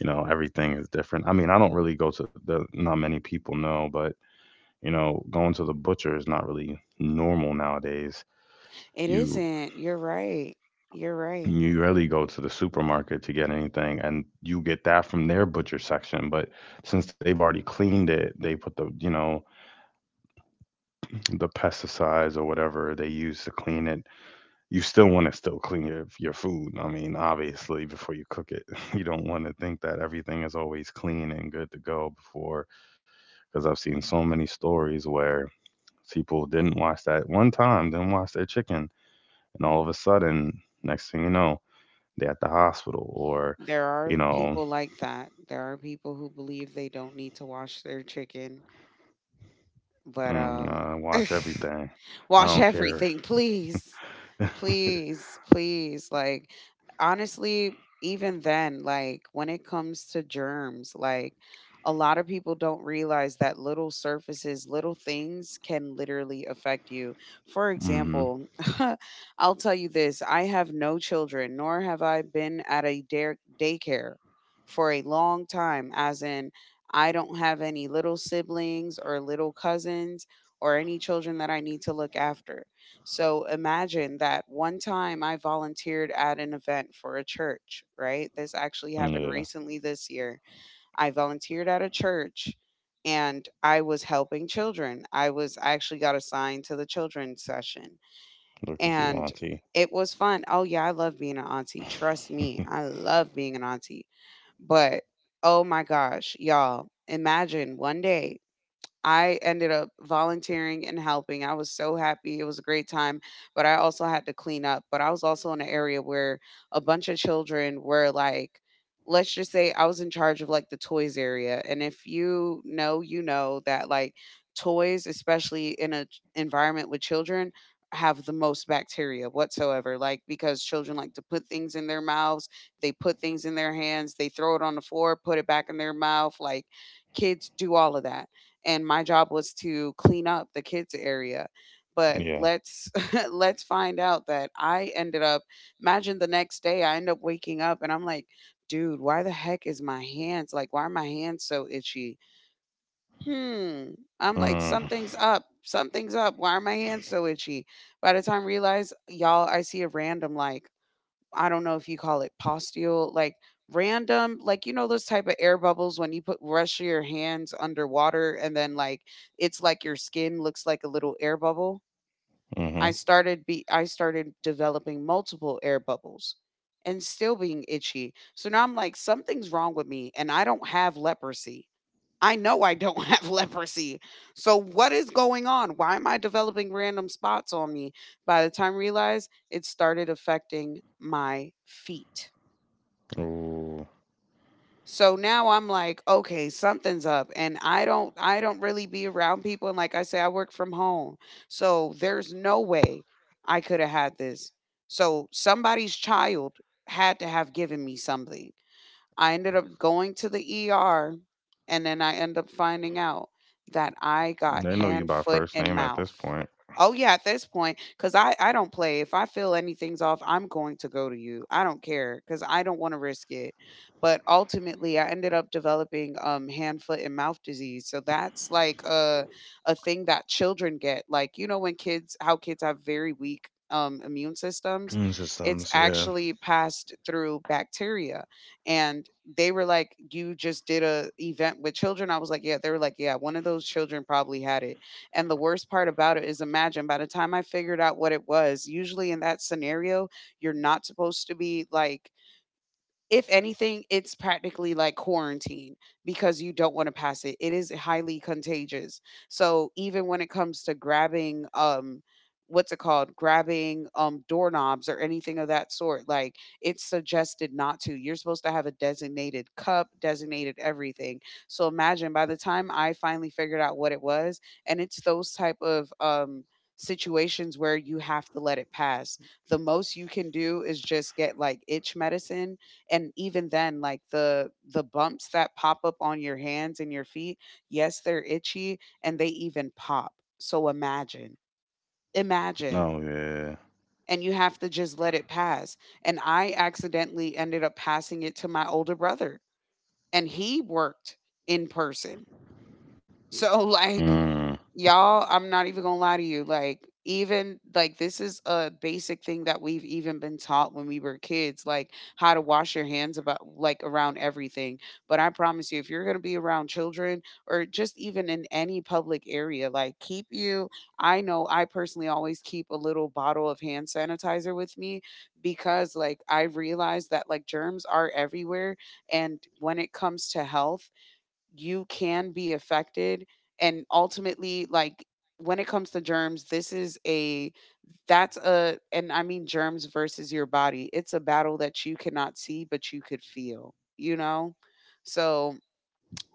S1: you know, everything is different. I mean, I don't really go to the, not many people know, but, you know, going to the butcher is not really normal nowadays.
S2: It
S1: You
S2: isn't. You're right. You're right.
S1: you rarely go to the supermarket to get anything, and you get that from their butcher section. But since they've already cleaned it, they put the, you know, the pesticides or whatever they use to clean it, you still want to still clean your your food. I mean, obviously, before you cook it, you don't want to think that everything is always clean and good to go before, because I've seen so many stories where people didn't wash that one time, didn't wash their chicken, and all of a sudden, next thing you know, they're at the hospital or,
S2: There are
S1: you
S2: people
S1: know,
S2: like that. There are people who believe they don't need to wash their chicken, but
S1: mm,
S2: um
S1: I wash everything. I
S2: wash
S1: don't care.
S2: everything, please. Please, please. Like, honestly, even then, like, when it comes to germs, like, a lot of people don't realize that little surfaces, little things can literally affect you. For
S1: Hmm.
S2: example, I'll tell you this, I have no children, nor have I been at a dare- daycare for a long time, as in, I don't have any little siblings or little cousins or any children that I need to look after. So imagine that one time I volunteered at an event for a church, right? This actually happened
S1: Yeah,
S2: recently this year. I volunteered at a church and I was helping children. I was, I actually got assigned to the children's session,
S1: look at you,
S2: and
S1: auntie.
S2: it was fun. Oh yeah, I love being an auntie. Trust me, I love being an auntie. But oh my gosh, y'all, imagine one day I ended up volunteering and helping. I was so happy. It was a great time, but I also had to clean up. But I was also in an area where a bunch of children were like, let's just say I was in charge of like the toys area. And if you know, you know that like toys, especially in an environment with children, have the most bacteria whatsoever. Like, because children like to put things in their mouths, they put things in their hands, they throw it on the floor, put it back in their mouth. Like, kids do all of that, and my job was to clean up the kids area. But
S1: Yeah.
S2: let's let's find out that I ended up, imagine the next day I end up waking up and I'm like, dude, why the heck is my hands, like, why are my hands so itchy? Hmm. I'm like,
S1: Mm.
S2: something's up, something's up, why are my hands so itchy? By the time I realize, y'all, I see a random like, I don't know if you call it postule, like random, like, you know those type of air bubbles when you put rush your hands underwater and then like it's like your skin looks like a little air bubble. I
S1: Mm-hmm.
S2: started be, I started developing multiple air bubbles and still being itchy. So now I'm like, something's wrong with me, and I don't have leprosy. I know I don't have leprosy. So what is going on? Why am I developing random spots on me? By the time I realized, it started affecting my feet.
S1: Ooh.
S2: So now I'm like, okay, something's up, and I don't, I don't really be around people, and like I say, I work from home. So there's no way I could have had this. So somebody's child had to have given me something. I ended up going to the E R, and then I end up finding out that I got
S1: They know you
S2: hand,
S1: by
S2: foot,
S1: first
S2: and
S1: name at
S2: mouth.
S1: this point.
S2: Oh yeah, at this point, because I I don't play. If I feel anything's off, I'm going to go to you. I don't care because I don't want to risk it. But ultimately, I ended up developing um hand, foot, and mouth disease. So that's like a a thing that children get. Like, you know when kids, how kids have very weak um immune systems,
S1: Mm,
S2: it's
S1: systems, yeah.
S2: actually passed through bacteria, and they were like, "You just did a event with children?" I was like, "Yeah." They were like, "Yeah, one of those children probably had it." And the worst part about it is, imagine by the time I figured out what it was, usually in that scenario, you're not supposed to be like, if anything, it's practically like quarantine because you don't want to pass it. It is highly contagious. So even when it comes to grabbing um what's it called? Grabbing um doorknobs or anything of that sort, like it's suggested not to. You're supposed to have a designated cup, designated everything. So imagine by the time I finally figured out what it was, and it's those type of um situations where you have to let it pass. The most you can do is just get like itch medicine. And even then, like the the bumps that pop up on your hands and your feet, yes, they're itchy and they even pop. So imagine. Imagine.
S1: Oh, yeah.
S2: And you have to just let it pass. And I accidentally ended up passing it to my older brother and he worked in person. So like
S1: Mm.
S2: y'all, I'm not even gonna lie to you. Like, even like this is a basic thing that we've even been taught when we were kids, like how to wash your hands about like around everything. But I promise you, if you're gonna be around children or just even in any public area, like keep you. I know I personally always keep a little bottle of hand sanitizer with me because like I realize that like germs are everywhere. And when it comes to health, you can be affected and ultimately like when it comes to germs, this is a that's a and I mean germs versus your body, it's a battle that you cannot see but you could feel, you know so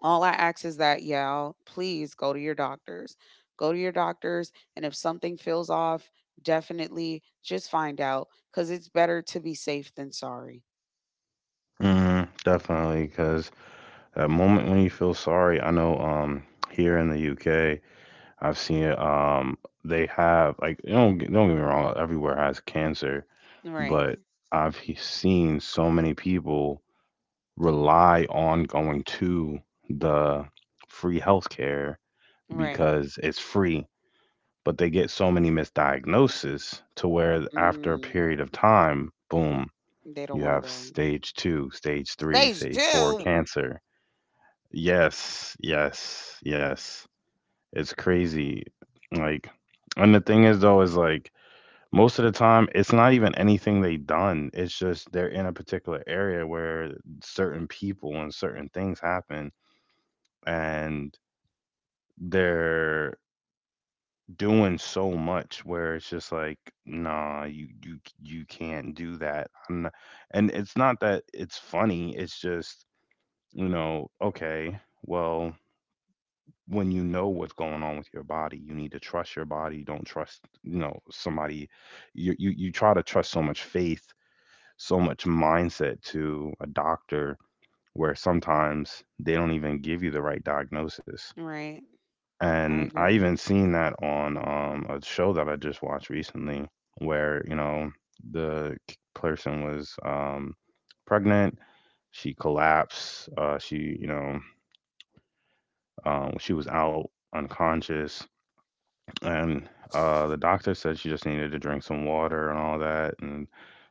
S2: all I ask is that y'all please go to your doctors. Go to your doctors and if something feels off, definitely just find out because it's better to be safe than sorry.
S1: Mm, definitely, because that moment when you feel sorry, I know um here in the U K, I've seen it. Um, they have like don't get- don't get me wrong, everywhere has cancer,
S2: Right.
S1: but I've he- seen so many people rely on going to the free healthcare
S2: Right.
S1: because it's free, but they get so many misdiagnoses to where after a
S2: mm,
S1: period of time, boom,
S2: they don't
S1: you
S2: want to
S1: have
S2: go.
S1: stage two, stage three,
S2: Stage
S1: stage four
S2: two.
S1: cancer. Yes, yes, yes. It's crazy. Like, and the thing is, though, is like most of the time, it's not even anything they done. It's just they're in a particular area where certain people and certain things happen, and they're doing so much where it's just like nah, you you you can't do that, I'm not, and it's not that it's funny, it's just, you know, okay, well, when you know what's going on with your body, you need to trust your body, you don't trust, you know, somebody, you you, you try to trust so much faith, so much mindset to a doctor where sometimes they don't even give you the right diagnosis.
S2: Right. I
S1: And I
S2: agree.
S1: even seen that on um a show that I just watched recently where, you know, the k- person was um pregnant. She collapsed, uh, she, you know, um she was out, unconscious, and uh, the doctor said she just needed to drink some water and all that. And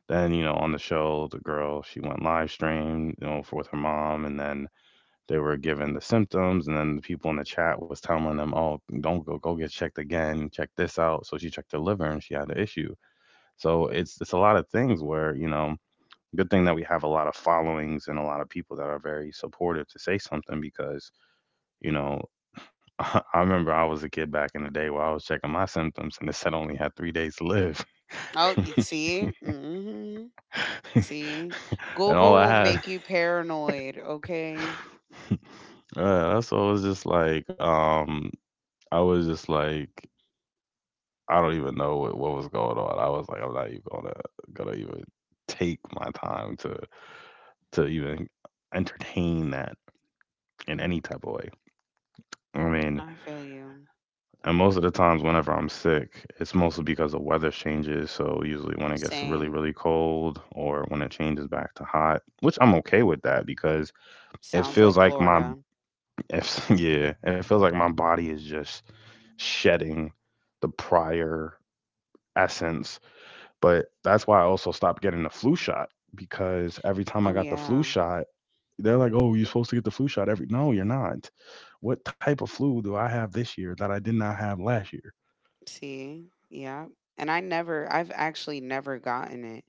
S1: then, you know, on the show, the girl, she went live stream, you know, for with her mom, and then they were given the symptoms, and then the people in the chat was telling them, "Oh, don't go, go get checked again. Check this out." So she checked her liver, and she had an issue. So it's it's a lot of things where, you know, good thing that we have a lot of followings and a lot of people that are very supportive to say something because you know. I remember I was a kid back in the day where I was checking my symptoms and it said I only had three days to live.
S2: Oh, you see? Mm-hmm. See?
S1: And all
S2: Google
S1: I
S2: will
S1: had,
S2: make you paranoid, okay?
S1: uh, that's what I was just like, um, I was just like, I don't even know what, what was going on. I was like, I'm not even gonna gonna even take my time to to even entertain that in any type of way. I mean,
S2: I feel you.
S1: and most of the times whenever I'm sick, it's mostly because the weather changes. So usually when it gets really,
S2: Same.
S1: really cold or when it changes back to hot, which I'm okay with that, because it
S2: Sounds
S1: feels
S2: like
S1: like my
S2: Florida.
S1: if yeah, it feels like my body is just shedding the prior essence. But that's why I also stopped getting the flu shot, because every time I
S2: Oh,
S1: got the flu
S2: yeah.
S1: shot, they're like, "Oh, you're supposed to get the flu shot every." No, you're not. What type of flu do I have this year that I did not have last year?
S2: See? Yeah. And I never I've actually never gotten it.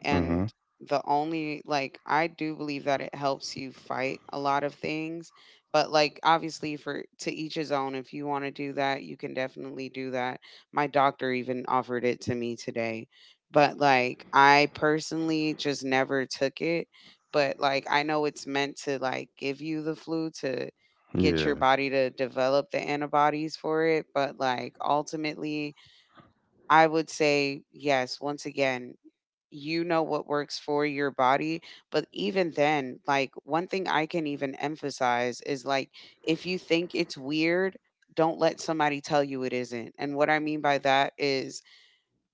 S2: And
S1: Mhm.
S2: the only, like, I do believe that it helps you fight a lot of things, but like obviously for to each his own, if you want to do that, you can definitely do that. My doctor even offered it to me today. But like I personally just never took it, but like I know it's meant to like give you the flu to get your
S1: Yeah.
S2: body to develop the antibodies for it. But like ultimately, I would say, yes, once again, you know what works for your body. But even then, like one thing I can even emphasize is like if you think it's weird, don't let somebody tell you it isn't. And what I mean by that is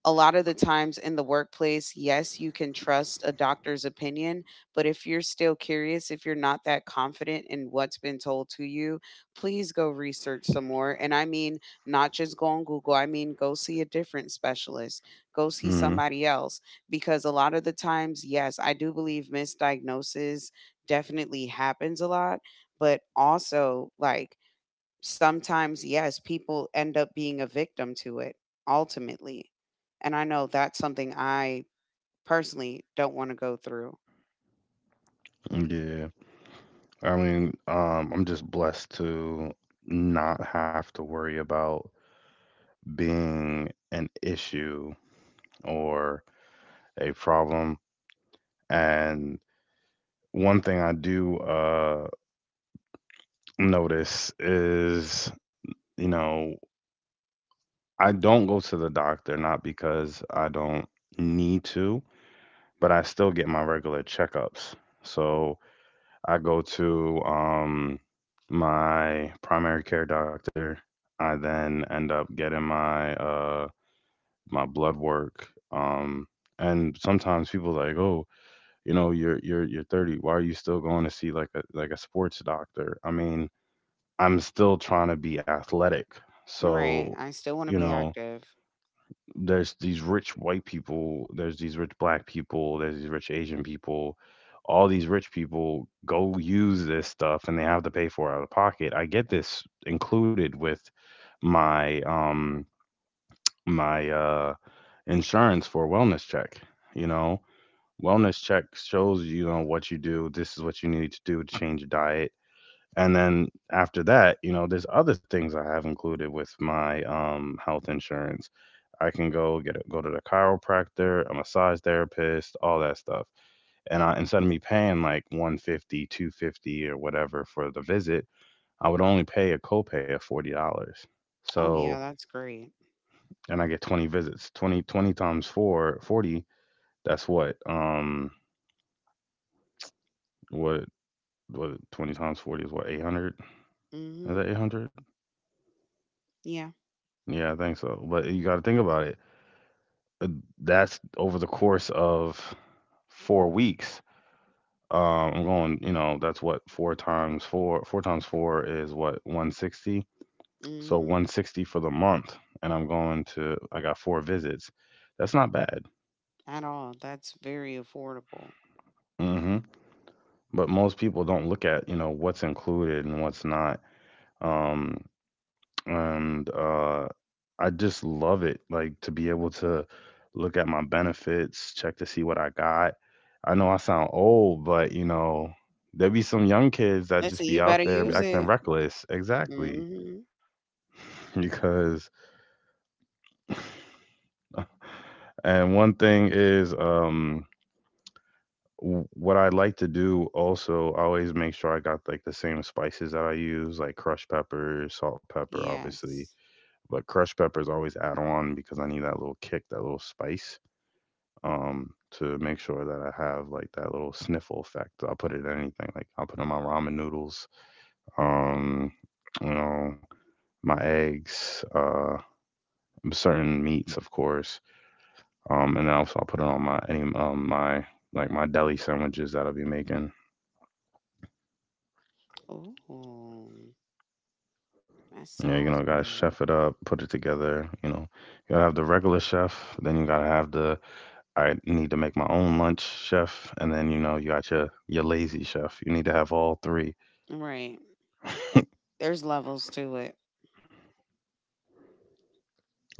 S2: a lot of the times in the workplace, yes, you can trust a doctor's opinion, but if you're still curious, if you're not that confident in what's been told to you, please go research some more. And I mean, not just go on Google, I mean, go see a different specialist, go see
S1: Mhm.
S2: somebody else, because a lot of the times, yes, I do believe misdiagnosis definitely happens a lot, but also, like, sometimes, yes, people end up being a victim to it ultimately. And I know that's something I personally don't want to go through.
S1: Yeah. I mean, um, I'm just blessed to not have to worry about being an issue or a problem. And one thing I do uh notice is, you know, I don't go to the doctor, not because I don't need to, but I still get my regular checkups. So I go to um, my primary care doctor. I then end up getting my uh, my blood work. Um, and sometimes people like, oh, you know, you're you're you're thirty. Why are you still going to see like a like a sports doctor? I mean, I'm still trying to be athletic.
S2: Right.
S1: So,
S2: I still want to
S1: you
S2: be
S1: know,
S2: active.
S1: there's these rich white people, there's these rich black people, there's these rich Asian people. All these rich people go use this stuff and they have to pay for it out of pocket. I get this included with my um my uh insurance for wellness check, you know. Wellness check shows you know what you do, this is what you need to do to change your diet, and then after that, you know, there's other things I have included with my um, health insurance. I can go get a, go to the chiropractor, a massage therapist, all that stuff. And I, instead of me paying like one fifty, two fifty, or whatever for the visit, I would only pay a copay of forty dollars.
S2: Oh, yeah,
S1: So,
S2: that's great.
S1: and I get twenty visits. Twenty twenty times four forty. that's what um what what twenty times forty is what eight hundred? Is
S2: Hmm.
S1: that eight hundred?
S2: Yeah.
S1: Yeah, I think so. But you got to think about it. Uh, that's over the course of four weeks. Um, I'm going, you know, that's what four times 4 4 times four is what one sixty. So
S2: Hmm.
S1: one sixty for the month, and I'm going to I got four visits. That's not bad.
S2: At all. That's very affordable.
S1: Mhm. But most people don't look at, you know, what's included and what's not. Um and uh, I just love it. Like to be able to look at my benefits, check to see what I got. I know I sound old, but you know, there be some young kids that
S2: Listen,
S1: just be
S2: you better
S1: out there
S2: use
S1: acting
S2: it.
S1: reckless. Exactly.
S2: Hmm.
S1: Because, and one thing is, um, w- what I like to do also, I always make sure I got like the same spices that I use, like crushed pepper, salt pepper, obviously.
S2: Yes.
S1: But crushed peppers always add on because I need that little kick, that little spice. um to make sure that I have like that little sniffle effect. I'll put it in anything. Like I'll put in my ramen noodles, um, you know, my eggs, uh certain meats of course. Um and then also I'll put it on my any um my like my deli sandwiches that I'll be making.
S2: Oh, that
S1: You know, you
S2: sounds
S1: know, gotta
S2: good.
S1: chef it up, put it together, you know. You gotta have the regular chef, then you gotta have the I need to make my own lunch chef, and then you know, you got your your lazy chef. You need to have all three.
S2: Right. There's levels to it.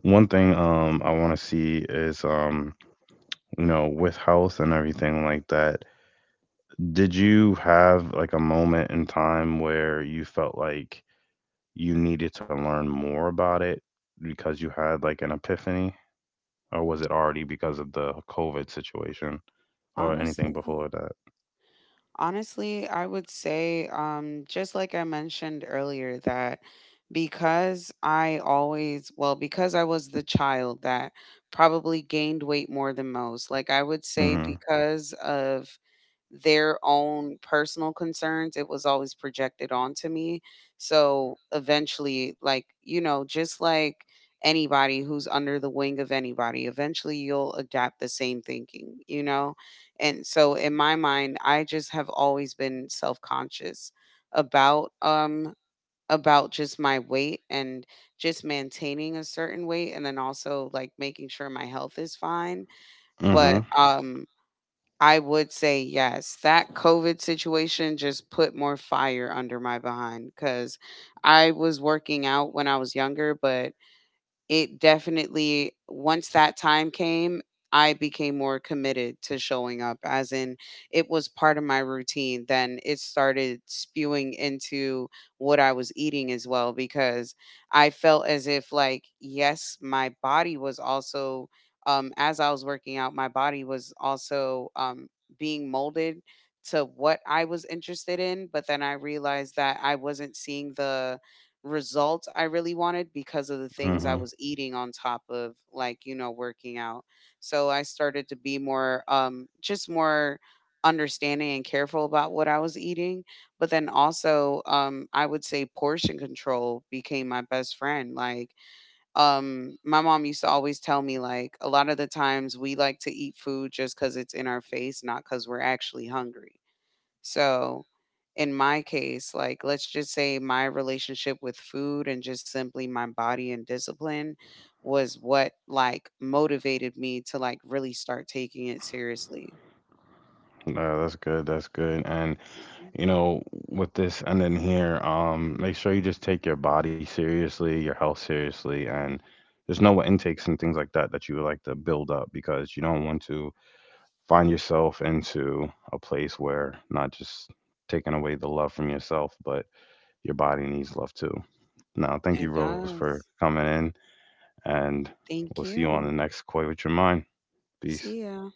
S1: One thing um I want to see is um you know with health and everything like that, did you have like a moment in time where you felt like you needed to learn more about it because you had like an epiphany, or was it already because of the COVID situation or anything
S2: Honestly.
S1: before that?
S2: Honestly, I would say, um, just like I mentioned earlier, that because I always, well, because I was the child that probably gained weight more than most, like I would say
S1: Mm-hmm.
S2: because of their own personal concerns, it was always projected onto me. So eventually, like, you know, just like anybody who's under the wing of anybody, eventually you'll adapt the same thinking, you know? And so in my mind, I just have always been self-conscious about um about just my weight and just maintaining a certain weight and then also like making sure my health is fine.
S1: Mm-hmm.
S2: But um I would say yes, that COVID situation just put more fire under my behind cuz I was working out when I was younger, but it definitely once that time came, I became more committed to showing up as in it was part of my routine. Then it started spewing into what I was eating as well because I felt as if like yes, my body was also um as I was working out, my body was also um being molded to what I was interested in, but then I realized that I wasn't seeing the results I really wanted because of the things
S1: Mm-hmm.
S2: I was eating on top of like, you know, working out. So I started to be more um just more understanding and careful about what I was eating, but then also um I would say portion control became my best friend. Like um my mom used to always tell me like a lot of the times we like to eat food just cuz it's in our face, not cuz we're actually hungry. So, in my case, like let's just say my relationship with food and just simply my body and discipline was what like motivated me to like really start taking it seriously.
S1: No, that's good. That's good. And
S2: Mhm.
S1: you know, with this and then here, um, make sure you just take your body seriously, your health seriously, and just know what intakes and things like that that you would like to build up because you don't want to find yourself into a place where not just taking away the love from yourself, but your body needs love too. Now, thank you,
S2: It
S1: Rose, for
S2: does.
S1: coming in, and we'll
S2: Thank
S1: see you on the
S2: you.
S1: next Koi with Your Mind. Peace.
S2: See ya.